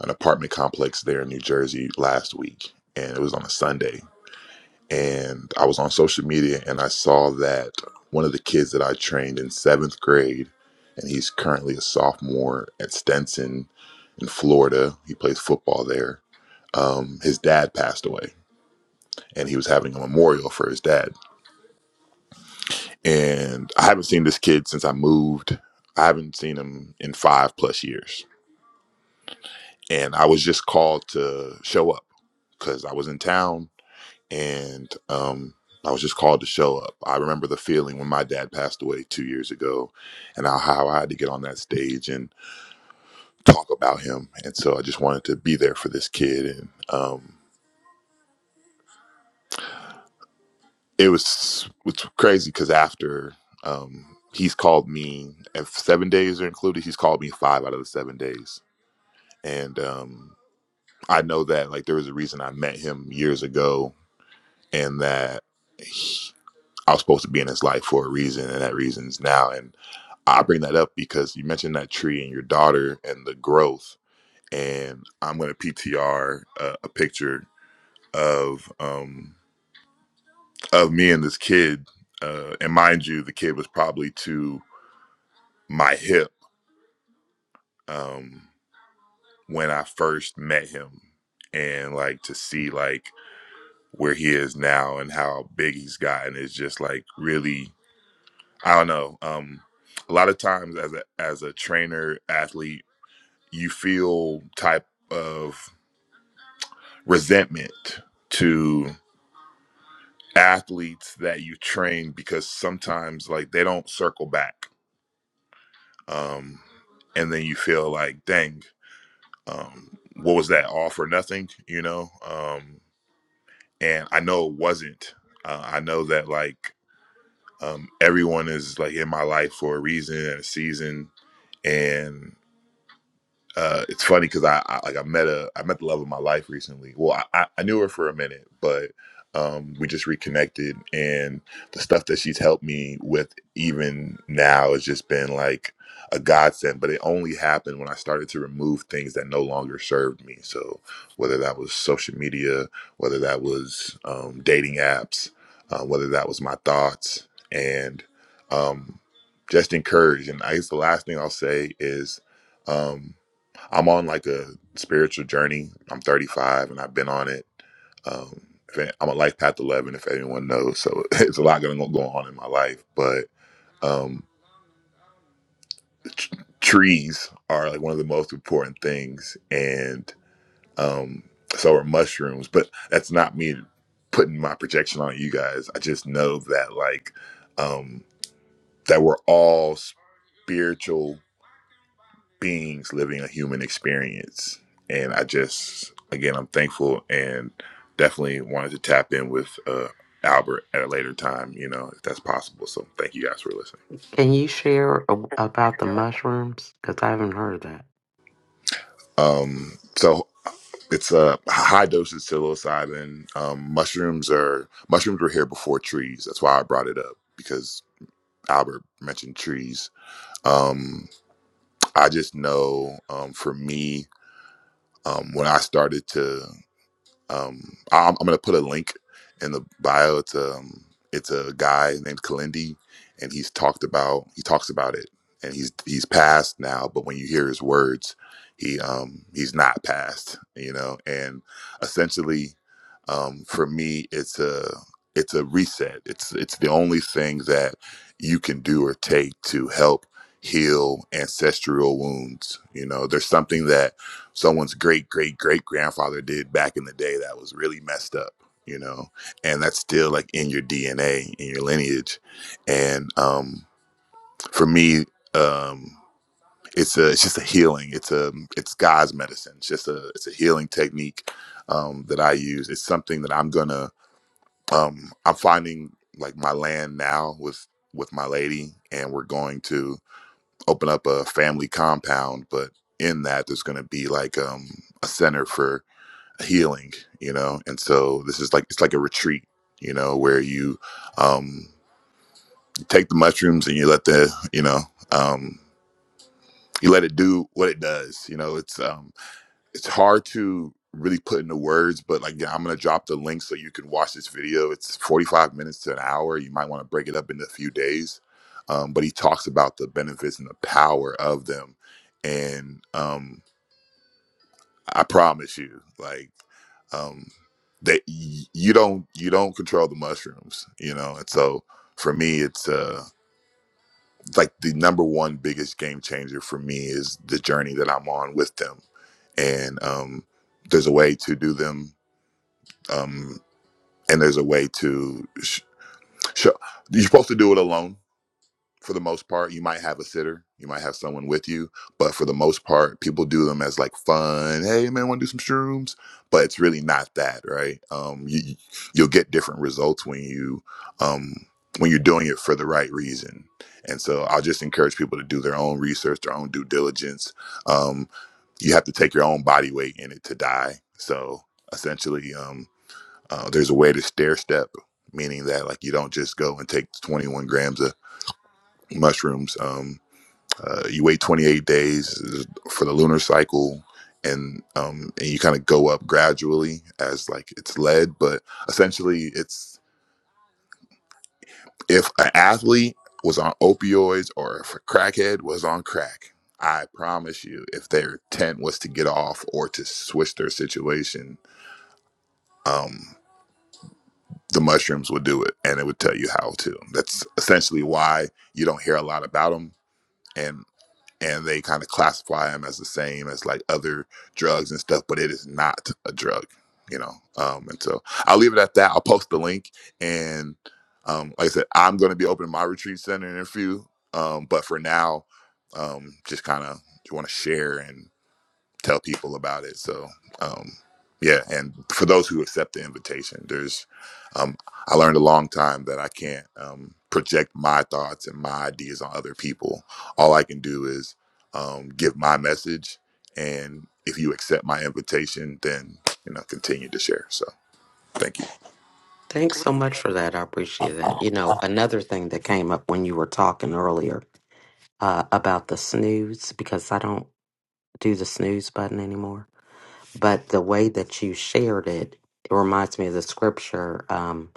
E: an apartment complex there in New Jersey last week, and it was on a Sunday. And I was on social media, and I saw that one of the kids that I trained in seventh grade, and he's currently a sophomore at Stenson in Florida. He plays football there. Um, his dad passed away, and he was having a memorial for his dad. And I haven't seen this kid since I moved. I haven't seen him in five plus years. And I was just called to show up because I was in town, and um, I was just called to show up. I remember the feeling when my dad passed away two years ago, and how I had to get on that stage and talk about him. And so I just wanted to be there for this kid and. Um, it was it's crazy because after um, he's called me if seven days are included he's called me five out of the seven days and um, i know that like there was a reason i met him years ago and that he- i was supposed to be in his life for a reason and that reason is now and i bring that up because you mentioned that tree and your daughter and the growth and i'm going to ptr a, a picture of um, of me and this kid uh, and mind you the kid was probably two my hip um when I first met him and like to see like where he is now and how big he's gotten is just like really I don't know um a lot of times as a as a trainer athlete you feel type of resentment to athletes that you train because sometimes like they don't circle back um and then you feel like dang um, what was that all for nothing you know um, and i know it wasn't uh, i know that like um, everyone is like in my life for a reason and a season and uh, it's funny because I, I like I met a I met the love of my life recently. Well, I, I I knew her for a minute, but um, we just reconnected, and the stuff that she's helped me with even now has just been like a godsend. But it only happened when I started to remove things that no longer served me. So whether that was social media, whether that was um, dating apps, uh, whether that was my thoughts, and um, just encourage. And I guess the last thing I'll say is. Um, I'm on like a spiritual journey. I'm 35 and I've been on it. Um, if any- I'm a life path 11, if anyone knows. So it's a lot going to go on in my life. But um, tr- trees are like one of the most important things. And um, so are mushrooms. But that's not me putting my projection on you guys. I just know that like um, that we're all spiritual beings living a human experience. And I just, again, I'm thankful and definitely wanted to tap in with uh, Albert at a later time, you know, if that's possible. So thank you guys for listening.
C: Can you share a- about the mushrooms? Because I haven't heard that.
E: Um, so it's a high dose of psilocybin. Um, mushrooms are mushrooms were here before trees. That's why I brought it up because Albert mentioned trees. Um, I just know um, for me, um, when I started to Um, I'm, I'm gonna put a link in the bio. It's um, it's a guy named Kalindi, and he's talked about he talks about it, and he's he's passed now. But when you hear his words, he um he's not passed, you know. And essentially, um, for me, it's a it's a reset. It's it's the only thing that you can do or take to help heal ancestral wounds. You know, there's something that someone's great great great grandfather did back in the day that was really messed up you know and that's still like in your dna in your lineage and um for me um it's a it's just a healing it's a it's god's medicine it's just a it's a healing technique um that i use it's something that i'm gonna um i'm finding like my land now with with my lady and we're going to open up a family compound but in that there's going to be like um a center for healing you know and so this is like it's like a retreat you know where you um take the mushrooms and you let the you know um you let it do what it does you know it's um it's hard to really put into words but like yeah, i'm gonna drop the link so you can watch this video it's 45 minutes to an hour you might want to break it up into a few days um, but he talks about the benefits and the power of them and um, I promise you, like um, that y- you don't you don't control the mushrooms, you know. And so for me, it's uh, like the number one biggest game changer for me is the journey that I'm on with them, and um, there's a way to do them, um, and there's a way to sh- show. You're supposed to do it alone for the most part you might have a sitter you might have someone with you but for the most part people do them as like fun hey man want to do some shrooms but it's really not that right um you you- you'll get different results when you um when you're doing it for the right reason and so i'll just encourage people to do their own research their own due diligence um you have to take your own body weight in it to die so essentially um uh, there's a way to stair step meaning that like you don't just go and take 21 grams of mushrooms. Um, uh, you wait 28 days for the lunar cycle, and um, and you kind of go up gradually as like it's led. But essentially, it's if an athlete was on opioids or if a crackhead was on crack, I promise you, if their intent was to get off or to switch their situation, um, the mushrooms would do it, and it would tell you how to. That's essentially why you don't hear a lot about them and. and they kind of classify them as the same as like other drugs and stuff, but it is not a drug, you know. Um, and so I'll leave it at that. I'll post the link, and um, like I said, I'm going to be opening my retreat center in a few. Um, but for now, um, just kind of want to share, and tell people about it. So, um, yeah, and for those who accept the invitation, there's, um, I learned a long time that I can't um, project my thoughts and my ideas on other people. All I can do is um, give my message, and if you accept my invitation, then you know continue to share. So, thank you.
C: Thanks so much for that. I appreciate that. You know, another thing that came up when you were talking earlier uh, about the snooze, because I don't do the snooze button anymore but the way that you shared it, it reminds me of the scripture um,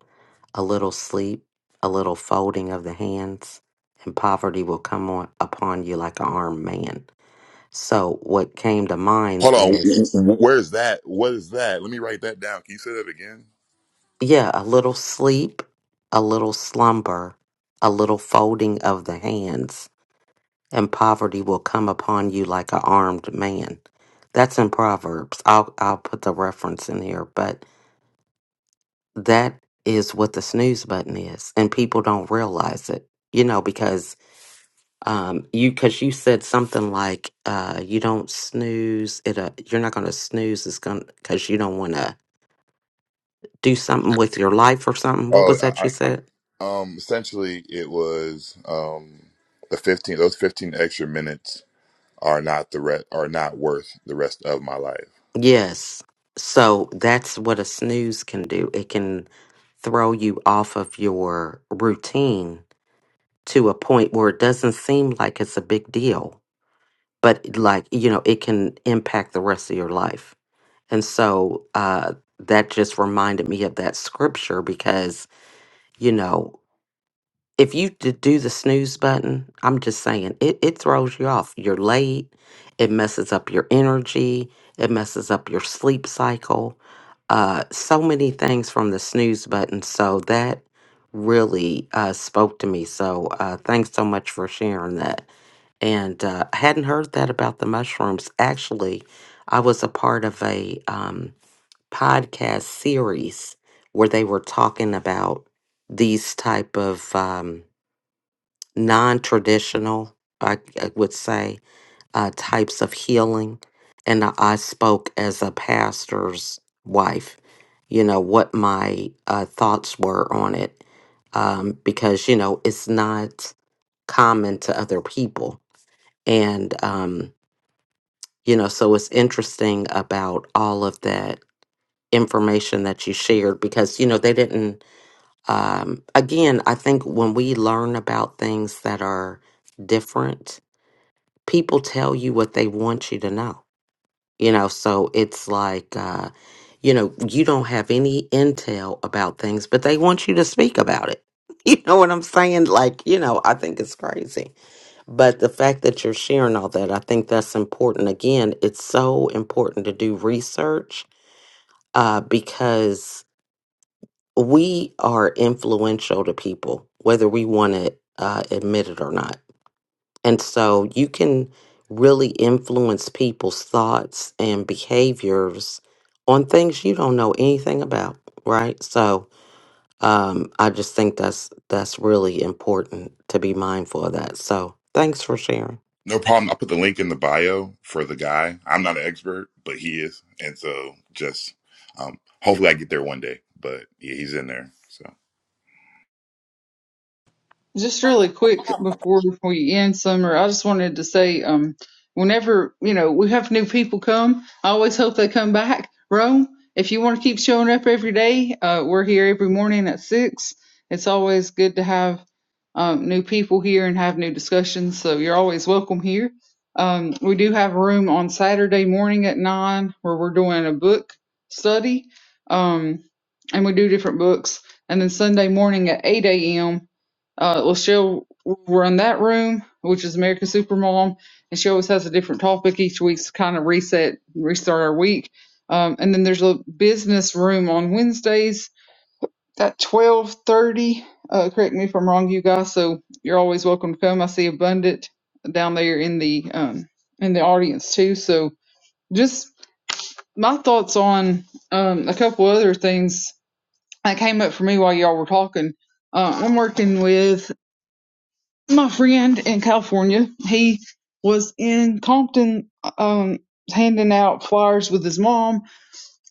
C: a little sleep, a little folding of the hands, and poverty will come on, upon you like an armed man. So, what came to mind
E: Hold on,
C: is
E: where's that? What is that? Let me write that down. Can you say that again?
C: yeah, a little sleep, a little slumber, a little folding of the hands, and poverty will come upon you like an armed man. That's in Proverbs. I'll I'll put the reference in here, but that is what the snooze button is and people don't realize it you know because um you because you said something like uh you don't snooze it uh, you're not going to snooze it's going because you don't want to do something with your life or something what was that you
E: Oh,
C: said
E: Um, essentially, it was um, the fifteen. Those fifteen extra minutes are not the re- are not worth the rest of my life.
C: yes so that's what a snooze can do it can throw you off of your routine to a point where it doesn't seem like it's a big deal but like you know it can impact the rest of your life And so uh, that just reminded me of that scripture because, you know, if you d- do the snooze button, I'm just saying it, it throws you off. You're late, it messes up your energy, it messes up your sleep cycle. Uh, so many things from the snooze button. So that really uh, spoke to me. So uh, thanks so much for sharing that. And uh, I hadn't heard that about the mushrooms. Actually, I was a part of a. Um, podcast series where they were talking about these type of um, non-traditional I, I would say uh, types of healing and I, I spoke as a pastor's wife you know what my uh, thoughts were on it um, because you know it's not common to other people and um, you know so it's interesting about all of that information that you shared because you know they didn't um again i think when we learn about things that are different people tell you what they want you to know you know so it's like uh you know you don't have any intel about things but they want you to speak about it you know what i'm saying like you know i think it's crazy but the fact that you're sharing all that i think that's important again it's so important to do research uh because we are influential to people, whether we want to uh, admit it or not. And so you can really influence people's thoughts and behaviors on things you don't know anything about, right? So um, I just think that's that's really important to be mindful of that. So thanks for sharing.
E: No problem. I'll put the link in the bio for the guy. I'm not an expert, but he is, and so just um, hopefully I get there one day. But yeah, he's in there. So
D: Just really quick before we end, Summer, I just wanted to say, um, whenever, you know, we have new people come, I always hope they come back. Rome, if you want to keep showing up every day, uh, we're here every morning at six. It's always good to have um, new people here and have new discussions, so you're always welcome here. Um, we do have a room on Saturday morning at nine where we're doing a book study, um, and we do different books. And then Sunday morning at 8 a.m uh, well, she'll run that room, which is American Supermom, and she always has a different topic each week to kind of reset, restart our week. Um, and then there's a business room on Wednesdays at 12:30. Uh, correct me if I'm wrong, you guys. So you're always welcome to come. I see Abundant down there in the um, in the audience too. So just my thoughts on um, a couple other things that came up for me while y'all were talking. Uh, I'm working with my friend in California, he was in Compton um, handing out flyers with his mom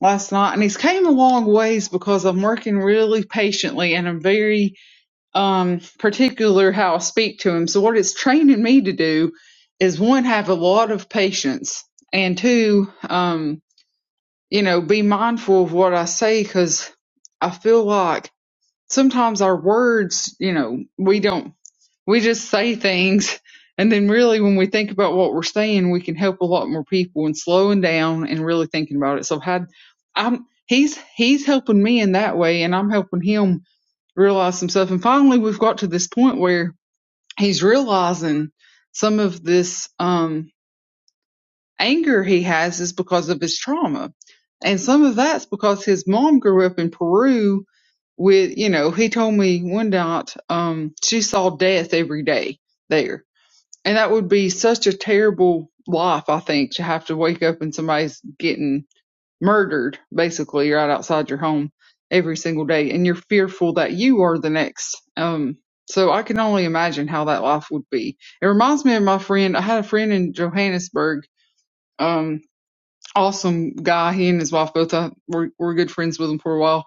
D: last night, and he's came a long ways because I'm working really patiently and I'm very um, particular how I speak to him. So what it's training me to do is one, have a lot of patience, and two, um, you know, be mindful of what I say because I feel like sometimes our words, you know, we don't, we just say things. And then really when we think about what we're saying, we can help a lot more people and slowing down and really thinking about it. So I've had I'm, he's, he's helping me in that way and I'm helping him realize some stuff. And finally we've got to this point where he's realizing some of this, um, anger he has is because of his trauma. And some of that's because his mom grew up in Peru with, you know, he told me one night, um, she saw death every day there. And that would be such a terrible life, I think, to have to wake up and somebody's getting murdered basically right outside your home every single day. And you're fearful that you are the next. Um, so I can only imagine how that life would be. It reminds me of my friend. I had a friend in Johannesburg Um, awesome guy. He and his wife both uh, were, were good friends with him for a while.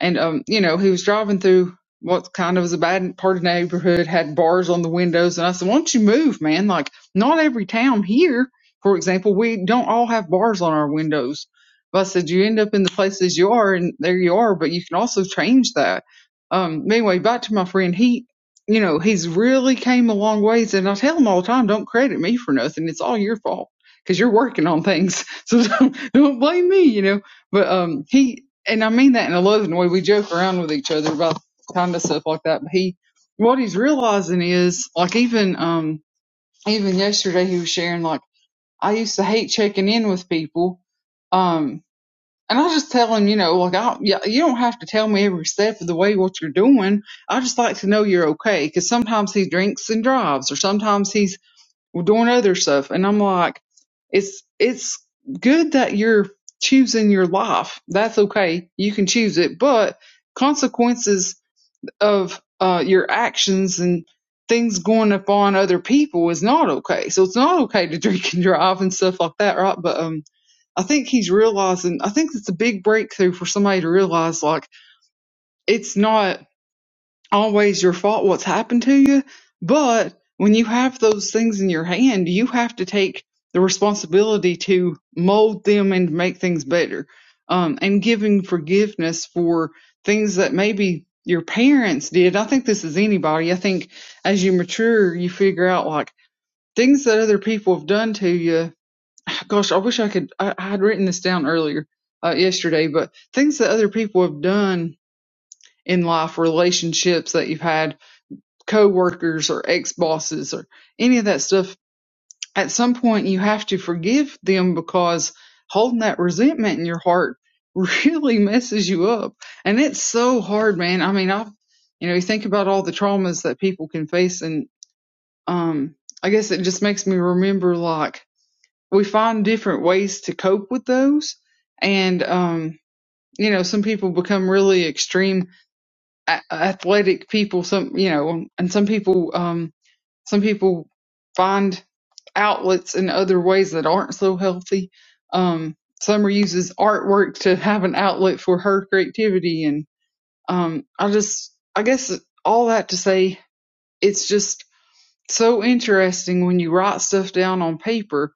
D: And, um, you know, he was driving through what kind of was a bad part of the neighborhood, had bars on the windows. And I said, why don't you move, man? Like, not every town here, for example, we don't all have bars on our windows. But I said, you end up in the places you are and there you are, but you can also change that. Um, anyway, back to my friend, he, you know, he's really came a long ways. And I tell him all the time, don't credit me for nothing. It's all your fault because you're working on things. So don't, don't blame me, you know but um he and I mean that in a loving way. We joke around with each other about kind of stuff like that. But he, what he's realizing is, like even um even yesterday he was sharing like I used to hate checking in with people, um, and I just tell him, you know, like I yeah, you don't have to tell me every step of the way what you're doing. I just like to know you're okay because sometimes he drinks and drives, or sometimes he's doing other stuff. And I'm like, it's it's good that you're choosing your life. That's okay. You can choose it, but consequences of uh, your actions and things going upon other people is not okay. So it's not okay to drink and drive and stuff like that, right? But um, I think he's realizing. I think it's a big breakthrough for somebody to realize, like, it's not always your fault what's happened to you. But when you have those things in your hand, you have to take the responsibility to mold them and make things better. Um, and giving forgiveness for things that maybe your parents did. I think this is anybody. I think as you mature, you figure out like things that other people have done to you. Gosh, I wish I could. I, I had written this down earlier uh, yesterday, but things that other people have done in life, relationships that you've had, Co-workers or ex-bosses or any of that stuff, at some point you have to forgive them because holding that resentment in your heart really messes you up. And it's so hard, man. I mean, I've, you know, you think about all the traumas that people can face and, um, I guess it just makes me remember like we find different ways to cope with those. And, um, you know, some people become really extreme a- athletic people, some, you know, and some people, um, some people find outlets in other ways that aren't so healthy. Um, Summer uses artwork to have an outlet for her creativity. And um, I just, I guess all that to say, it's just so interesting when you write stuff down on paper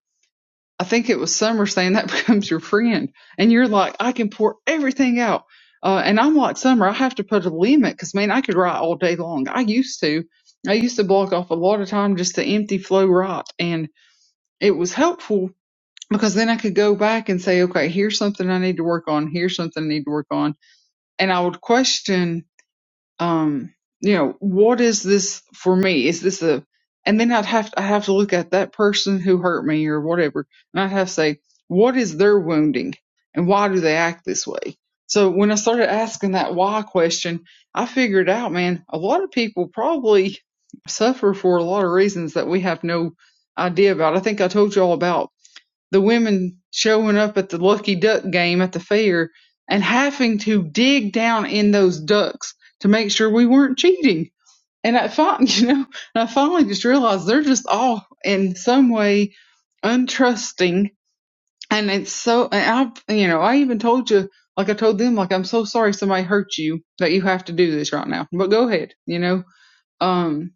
D: I think it was Summer saying that becomes your friend. And you're like, I can pour everything out. Uh, and I'm like, Summer, I have to put a limit because, man, I could write all day long. I used to. I used to block off a lot of time just to empty flow write. And it was helpful because then I could go back and say, okay, here's something I need to work on. Here's something I need to work on. And I would question um you know what is this for me is this a and then i'd have i have to look at that person who hurt me or whatever and i'd have to say what is their wounding and why do they act this way so when i started asking that why question i figured out man a lot of people probably suffer for a lot of reasons that we have no idea about i think i told you all about the women showing up at the lucky duck game at the fair and having to dig down in those ducks to make sure we weren't cheating. And I finally, you know, and I finally just realized they're just all in some way untrusting. And it's so, and I, you know, I even told you, like I told them, like, I'm so sorry somebody hurt you that you have to do this right now, but go ahead, you know? Um,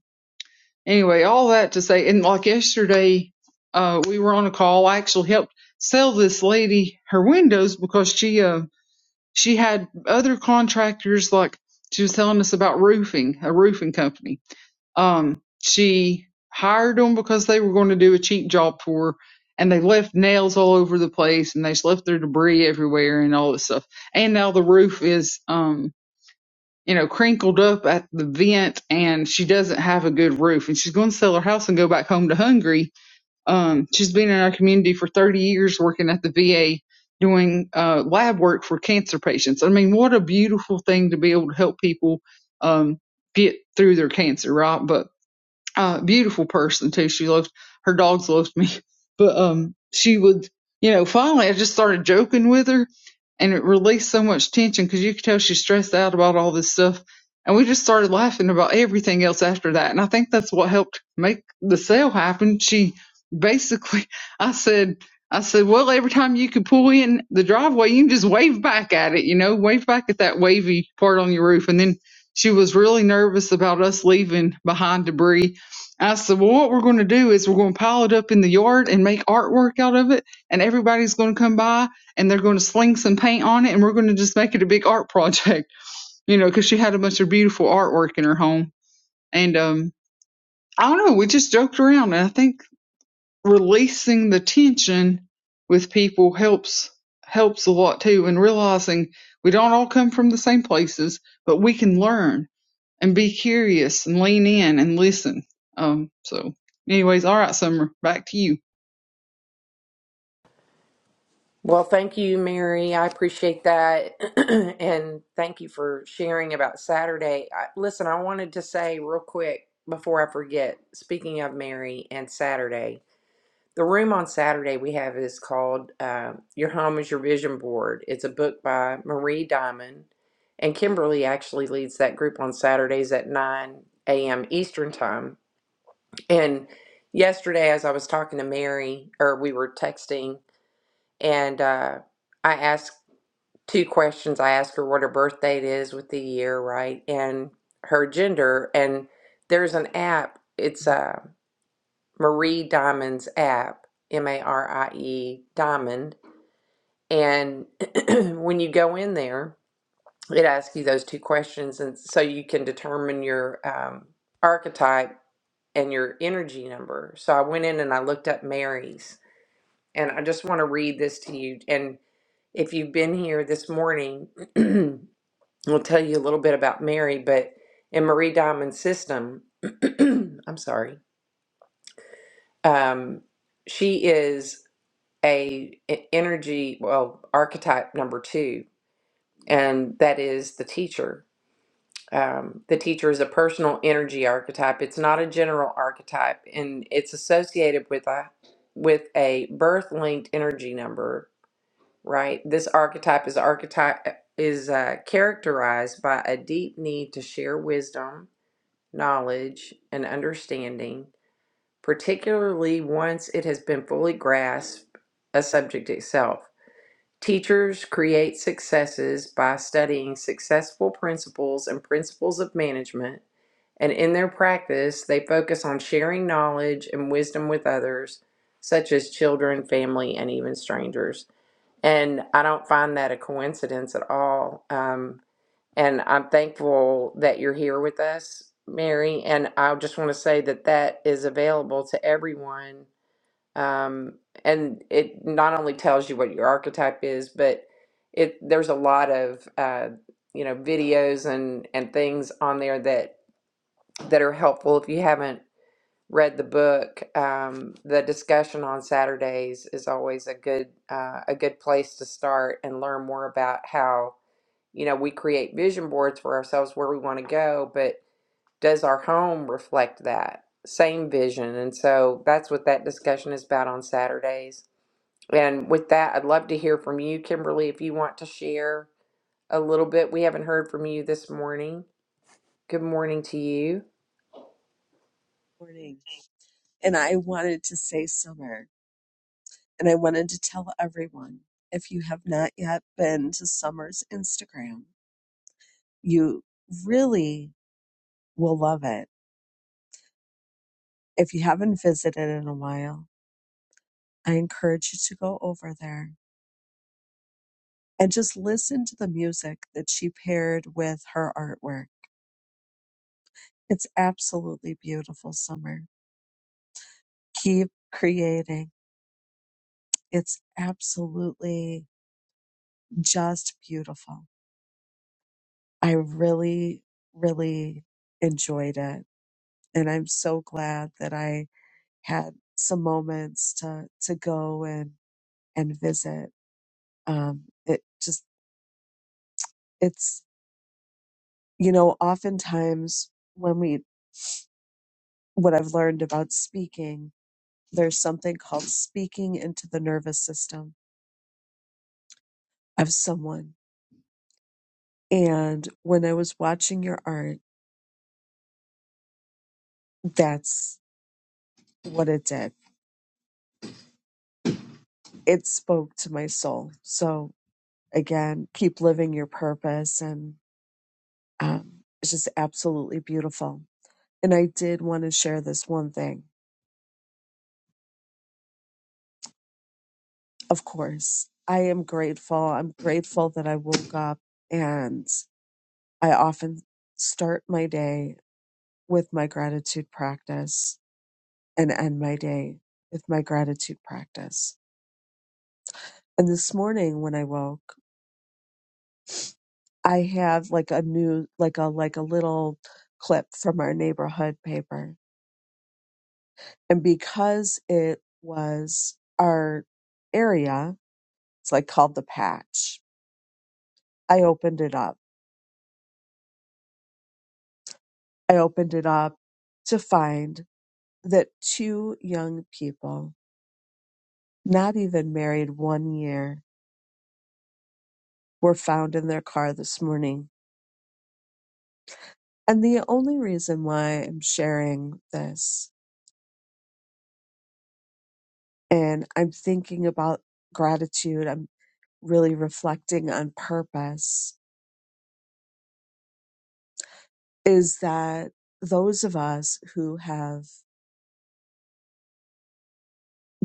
D: anyway, all that to say, and like yesterday, uh, we were on a call. I actually helped sell this lady her windows because she, uh, she had other contractors, like she was telling us about roofing, a roofing company. Um, she hired them because they were going to do a cheap job for her and they left nails all over the place and they just left their debris everywhere and all this stuff. And now the roof is, um, you know, crinkled up at the vent and she doesn't have a good roof and she's going to sell her house and go back home to Hungary. Um, she's been in our community for 30 years working at the VA doing uh, lab work for cancer patients. I mean, what a beautiful thing to be able to help people um, get through their cancer, right? But uh, beautiful person too. She loved her dogs loved me, but um, she would you know finally I just started joking with her, and it released so much tension because you could tell she's stressed out about all this stuff, and we just started laughing about everything else after that, and I think that's what helped make the sale happen. She basically I said. I said, well, every time you could pull in the driveway, you can just wave back at it, you know, wave back at that wavy part on your roof. And then she was really nervous about us leaving behind debris I said, Well, what we're going to do is we're going to pile it up in the yard and make artwork out of it. And everybody's going to come by and they're going to sling some paint on it. And we're going to just make it a big art project, you know, because she had a bunch of beautiful artwork in her home. And um, I don't know, we just joked around. And I think releasing the tension with people helps helps a lot too and realizing we don't all come from the same places but we can learn and be curious and lean in and listen. Um, so anyways, all right, Summer, back to you.
A: Well, thank you, Mary. I appreciate that. and thank you for sharing about Saturday. I, listen, I wanted to say real quick before I forget, speaking of Mary and Saturday, the room on Saturday we have is called uh, Your Home is Your Vision Board. It's a book by Marie Diamond. And Kimberly actually leads that group on Saturdays at 9 a.m. Eastern Time. And yesterday, as I was talking to Mary, or we were texting, and uh, I asked two questions. I ask her what her birth date is with the year, right? And her gender. And there's an app, it's a Marie Diamond's app, M A R I E Diamond. And when you go in there, it asks you those two questions. And so you can determine your um, archetype and your energy number. So I went in and I looked up Mary's. And I just want to read this to you. And if you've been here this morning, I'll tell you a little bit about Mary, but in Marie Diamond's system, I'm sorry, um, she is a e- energy well archetype number two, and that is the teacher. Um, the teacher is a personal energy archetype. It's not a general archetype, and it's associated with a with a birth linked energy number. Right, this archetype is archetype is uh, characterized by a deep need to share wisdom knowledge, and understanding, particularly once it has been fully grasped a subject itself. Teachers create successes by studying successful principles and principles of management, and in their practice, they focus on sharing knowledge and wisdom with others, such as children, family, and even strangers. And I don't find that a coincidence at all. Um, and I'm thankful that you're here with us, Mary. And I just want to say that that is available to everyone. Um, and it not only tells you what your archetype is, but it there's a lot of uh, you know videos and and things on there that that are helpful. If you haven't read the book, um, the discussion on Saturdays is always a good uh, a good place to start and learn more about how you know, we create vision boards for ourselves where we want to go, but does our home reflect that same vision? And so that's what that discussion is about on Saturdays. And with that, I'd love to hear from you, Kimberly, if you want to share a little bit. We haven't heard from you this morning. Good morning to you.
F: morning and I wanted to say summer and I wanted to tell everyone if you have not yet been to Summer's Instagram, you really will love it. If you haven't visited in a while, I encourage you to go over there and just listen to the music that she paired with her artwork. It's absolutely beautiful, Summer. Keep creating. It's absolutely just beautiful. I really, really enjoyed it. And I'm so glad that I had some moments to, to go and, and visit. Um, it just, it's, you know, oftentimes when we, what I've learned about speaking, there's something called speaking into the nervous system of someone. And when I was watching your art, that's what it did. It spoke to my soul. So, again, keep living your purpose. And um, it's just absolutely beautiful. And I did want to share this one thing. Of course, I am grateful. I'm grateful that I woke up and I often start my day with my gratitude practice and end my day with my gratitude practice. And this morning when I woke, I have like a new, like a, like a little clip from our neighborhood paper And because it was our area, it's like called the patch, I opened it up. I opened it up to find that two young people, not even married one year, were found in their car this morning. And the only reason why I'm sharing this and I'm thinking about gratitude, I'm really reflecting on purpose, is that those of us who have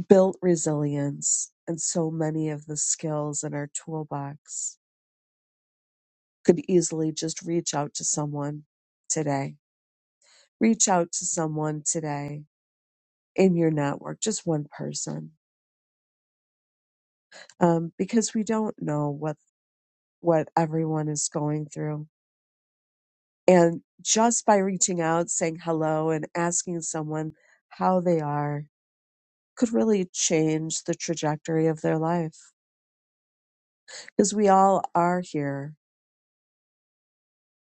F: built resilience and so many of the skills in our toolbox could easily just reach out to someone today reach out to someone today in your network just one person um, because we don't know what what everyone is going through and just by reaching out saying hello and asking someone how they are could really change the trajectory of their life because we all are here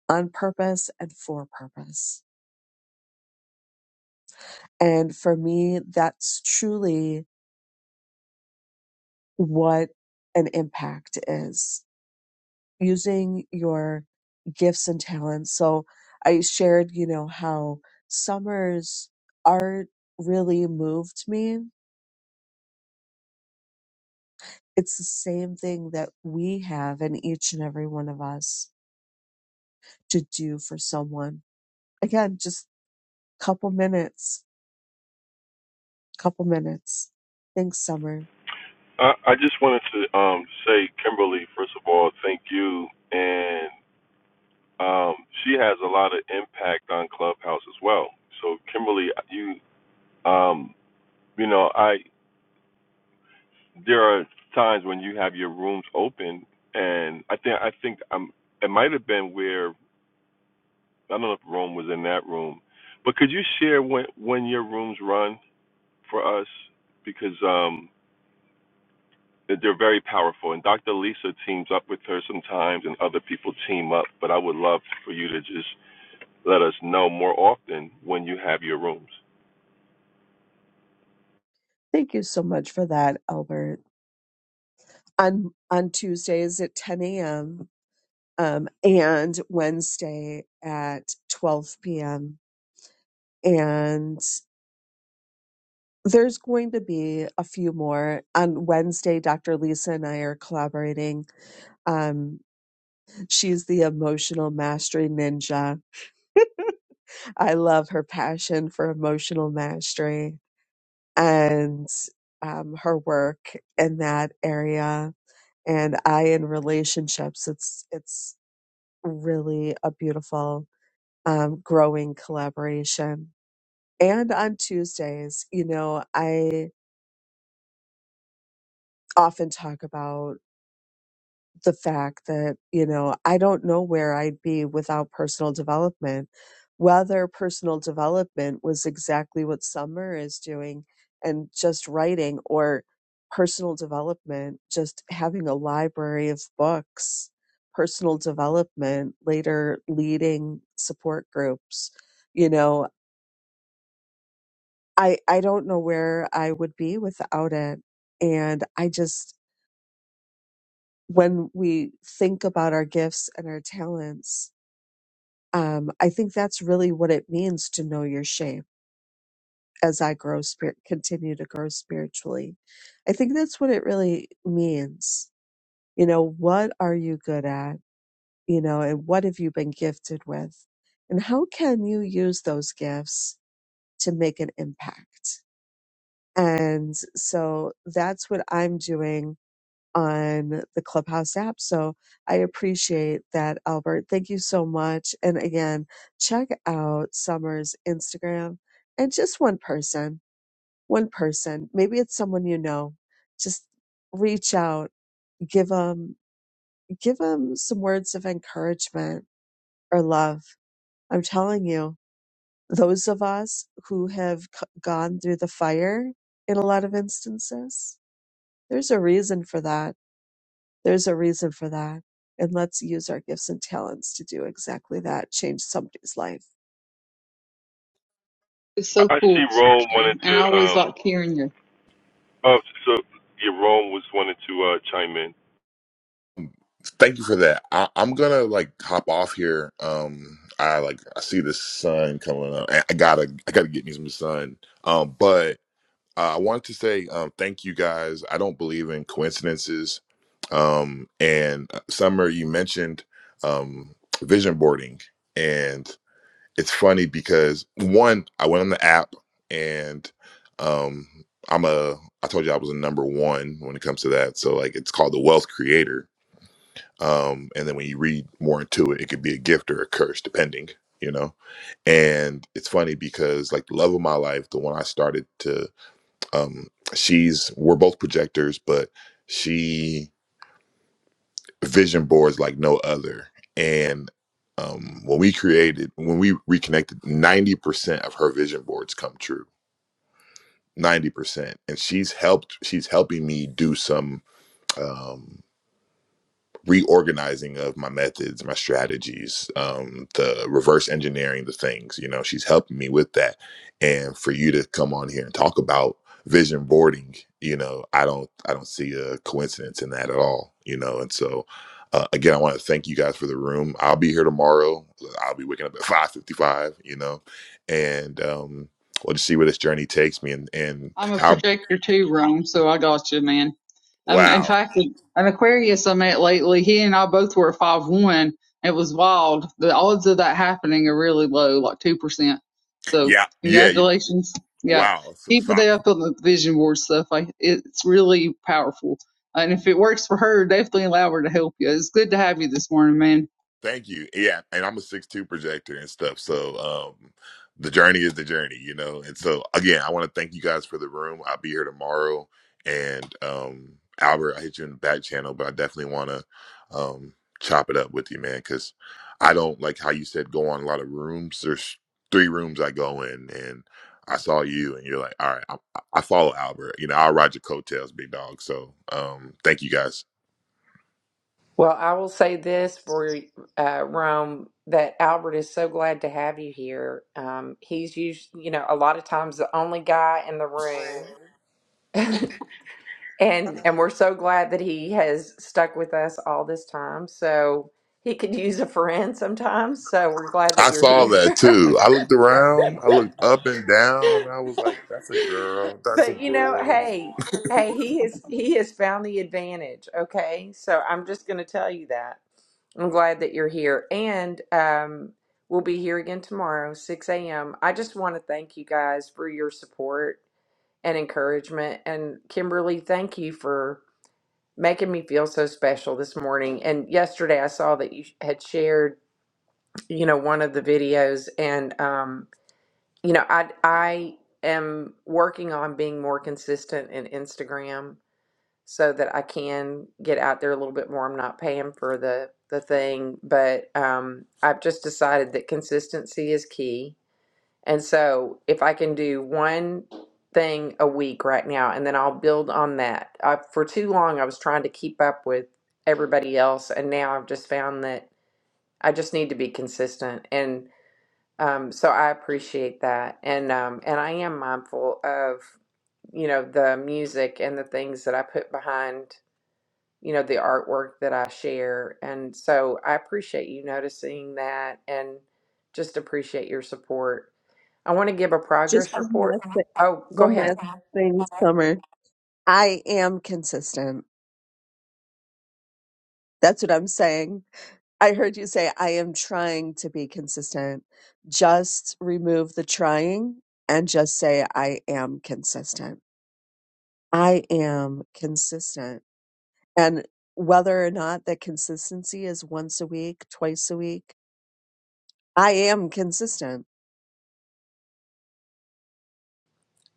F: on purpose and for purpose And for me, that's truly what an impact is using your gifts and talents. So I shared, you know, how Summer's art really moved me. It's the same thing that we have in each and every one of us to do for someone. Again, just couple minutes, couple minutes. Thanks, Summer.
B: I, I just wanted to um, say, Kimberly, first of all, thank you. And um, she has a lot of impact on Clubhouse as well. So, Kimberly, you, um, you know, I, there are times when you have your rooms open, and I think, I think um, it might have been where I don't know if Rome was in that room, but could you share when when your rooms run for us because um they're very powerful and Dr. Lisa teams up with her sometimes and other people team up, but I would love for you to just let us know more often when you have your rooms.
F: Thank you so much for that, Albert. On on Tuesdays at 10 a.m. um, and Wednesday at 12 p.m. And there's going to be a few more. On Wednesday, Dr. Lisa and I are collaborating. Um, she's the emotional mastery ninja. I love her passion for emotional mastery and um, her work in that area. And I in relationships, it's it's really a beautiful um, growing collaboration And on Tuesdays, you know, I often talk about the fact that, you know, I don't know where I'd be without personal development. Whether personal development was exactly what Summer is doing and just writing or personal development, just having a library of books, personal development, later leading support groups. You know, I I don't know where I would be without it. And I just when we think about our gifts and our talents, um, I think that's really what it means to know your shape as I grow spirit continue to grow spiritually. I think that's what it really means. You know, what are you good at? You know, and what have you been gifted with? And how can you use those gifts to make an impact? And so that's what I'm doing on the Clubhouse app. So I appreciate that, Albert. Thank you so much. And again, check out Summer's Instagram and just one person, one person. Maybe it's someone you know. Just reach out, give them, give them some words of encouragement or love. I'm telling you, those of us who have c- gone through the fire in a lot of instances, there's a reason for that There's a reason for that. And let's use our gifts and talents to do exactly that, change somebody's life.
D: It's
B: I
D: so
B: I see
D: cool,
B: Rome wanted
D: Kim, and I
B: to
D: always
B: um
D: like hearing you.
B: oh so yeah, Rome was wanted to uh chime in.
E: thank you for that. I- I'm gonna like hop off here. Um, I like I see the sun coming up. I I gotta I gotta get me some sun. Um, but Uh, I wanted to say um, thank you guys. I don't believe in coincidences. Um, and uh, Summer, you mentioned um, vision boarding, and it's funny because one, I went on the app, and um, I'm a. I told you I was a number one when it comes to that. So like, it's called the Wealth Creator. Um, and then when you read more into it, it could be a gift or a curse, depending. You know, and it's funny because like the love of my life, the one I started to um she's we're both projectors but she vision boards like no other and um when we created when we reconnected 90% of her vision boards come true 90% and she's helped she's helping me do some Um, reorganizing of my methods, my strategies, um, the reverse engineering the things. You know, she's helping me with that. And for you to come on here and talk about vision boarding, you know, I don't I don't see a coincidence in that at all. You know, and so uh, again, I want to thank you guys for the room. I'll be here tomorrow. I'll be waking up at five fifty five. You know, and um, we'll just see where this journey takes me and and
D: I'm a
E: how.
D: projector too, Rome, so I got you, man. Um, in
E: Wow.
D: fact, an Aquarius I met lately, he and I both were at five one. It was wild. The odds of that happening are really low, like two percent. So
E: Yeah. Yeah. You know.
D: congratulations. Yeah,
E: Wow. So.
D: keep
E: so
D: it up on the vision board stuff. I, it's really powerful. And if it works for her, definitely allow her to help you. It's good to have you this morning, man.
E: Thank you. Yeah, and I'm a six two projector and stuff. So um the journey is the journey, you know. And so again, I want to thank you guys for the room. I'll be here tomorrow. And um Albert, I hit you in the back channel, but I definitely wanna um chop it up with you, man, because I don't like how you said go on a lot of rooms. There's three rooms I go in and I saw you and you're like, all right, I, I follow Albert. You know, I'll ride your coattails, big dog. So um thank you guys.
A: Well, I will say this for uh, Rome that Albert is so glad to have you here. Um, he's usually, you know, a lot of times the only guy in the room. And and we're so glad that he has stuck with us all this time. So he could use a friend sometimes. So we're glad
E: I
A: that you're
E: saw
A: here.
E: that too. I looked around, I looked up and down, and I was like, that's a girl, that's a
A: but you know,
E: girl.
A: hey, hey, he has he has found the advantage. Okay, so I'm just going to tell you that. I'm glad that you're here, and um, we'll be here again tomorrow, 6 a.m. I just want to thank you guys for your support and encouragement. And Kimberly, thank you for making me feel so special this morning. And yesterday I saw that you had shared, you know, one of the videos and um, you know, I I am working on being more consistent in Instagram so that I can get out there a little bit more. I'm not paying for the the thing, but um I've just decided that consistency is key and so if I can do one thing a week right now, and then I'll build on that. I, for too long, I was trying to keep up with everybody else, and now I've just found that I just need to be consistent. And um, so I appreciate that, and um, and I am mindful of you know the music and the things that I put behind you know the artwork that I share, and so I appreciate you noticing that, and just appreciate your support I want to give a
F: Just
A: progress
F: one
A: report.
F: last thing.
A: Oh, go
F: One
A: ahead.
F: last thing, Summer. I am consistent. That's what I'm saying. I heard you say, I am trying to be consistent. Just remove the trying and just say, I am consistent. I am consistent. And whether or not that consistency is once a week, twice a week, I am consistent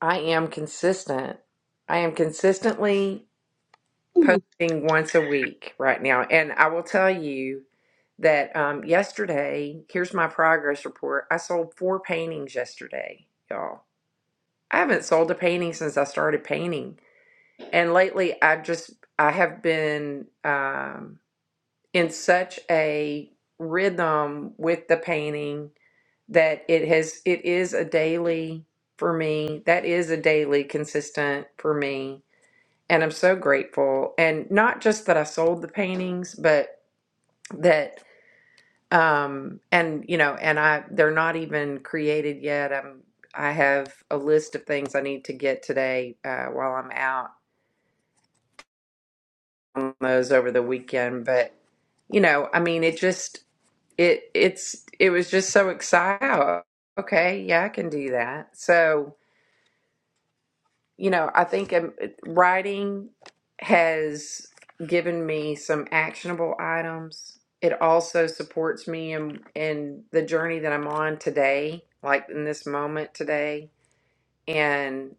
A: I am consistent. I am consistently
D: Ooh,
A: posting once a week right now. And I will tell you that um, yesterday, here's my progress report. I sold four paintings yesterday, y'all. I haven't sold a painting since I started painting. And lately, I have just, I have been um, in such a rhythm with the painting that it has it is a daily for me that is a daily consistent for me and i'm so grateful and not just that i sold the paintings but that um and you know and i they're not even created yet i'm i have a list of things i need to get today uh, while i'm out on those over the weekend but you know i mean it just it it's it was just so exciting okay yeah i can do that so you know, I think um, writing has given me some actionable items. It also supports me in in the journey that I'm on today, like in this moment today. And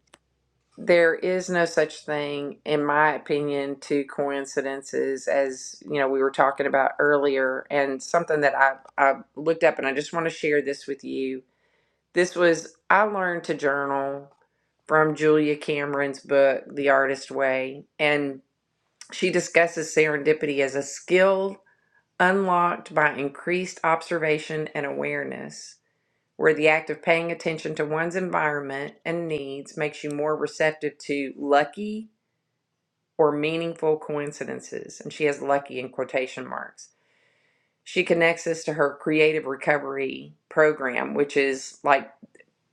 A: there is no such thing, in my opinion, to coincidences, as you know we were talking about earlier, and something that I I looked up, and I just want to share this with you this was, I learned to journal from Julia Cameron's book, The Artist Way, and she discusses serendipity as a skill unlocked by increased observation and awareness, where the act of paying attention to one's environment and needs makes you more receptive to lucky or meaningful coincidences. And she has lucky in quotation marks. She connects this to her creative recovery program, which is like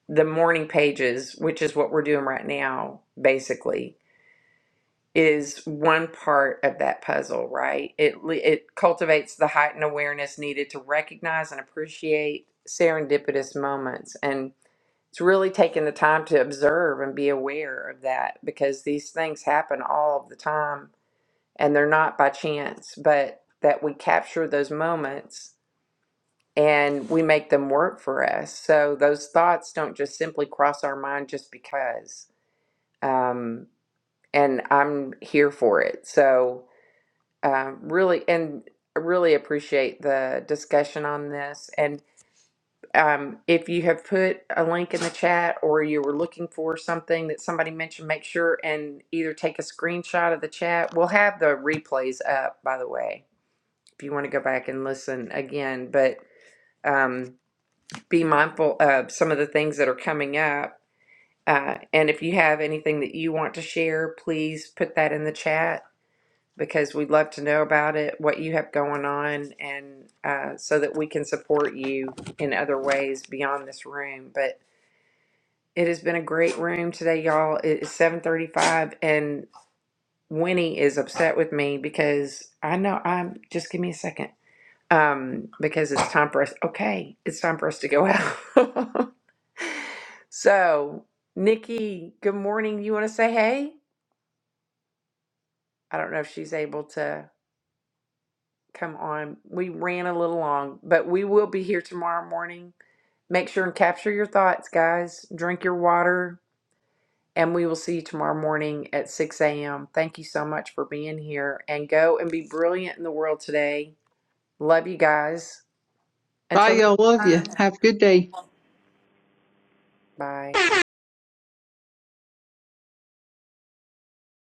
A: the morning pages, which is what we're doing right now, basically, is one part of that puzzle, right? It le- it cultivates the heightened awareness needed to recognize and appreciate serendipitous moments, and it's really taking the time to observe and be aware of that because these things happen all of the time, and they're not by chance, but that we capture those moments and we make them work for us. So those thoughts don't just simply cross our mind just because um, and I'm here for it. So um, really, and really appreciate the discussion on this. And um, if you have put a link in the chat or you were looking for something that somebody mentioned, make sure and either take a screenshot of the chat. We'll have the replays up, by the way, if you want to go back and listen again. But um, be mindful of some of the things that are coming up. Uh, and if you have anything that you want to share, please put that in the chat because we'd love to know about it, what you have going on, and uh, so that we can support you in other ways beyond this room. But it has been a great room today, y'all. It is 7:35, and Winnie is upset with me because I know I'm. Just give me a second, um, because it's time for us. Okay, it's time for us to go out. so, Nikki, good morning. You want to say hey? I don't know if she's able to. Come on, we ran a little long, but we will be here tomorrow morning. Make sure and capture your thoughts, guys. Drink your water, and we will see you tomorrow morning at 6 a.m. Thank you so much for being here, and go and be brilliant in the world today. Love you guys.
D: Bye,
A: Until next
D: y'all. Love you.
A: time,
D: Have a good day.
A: bye.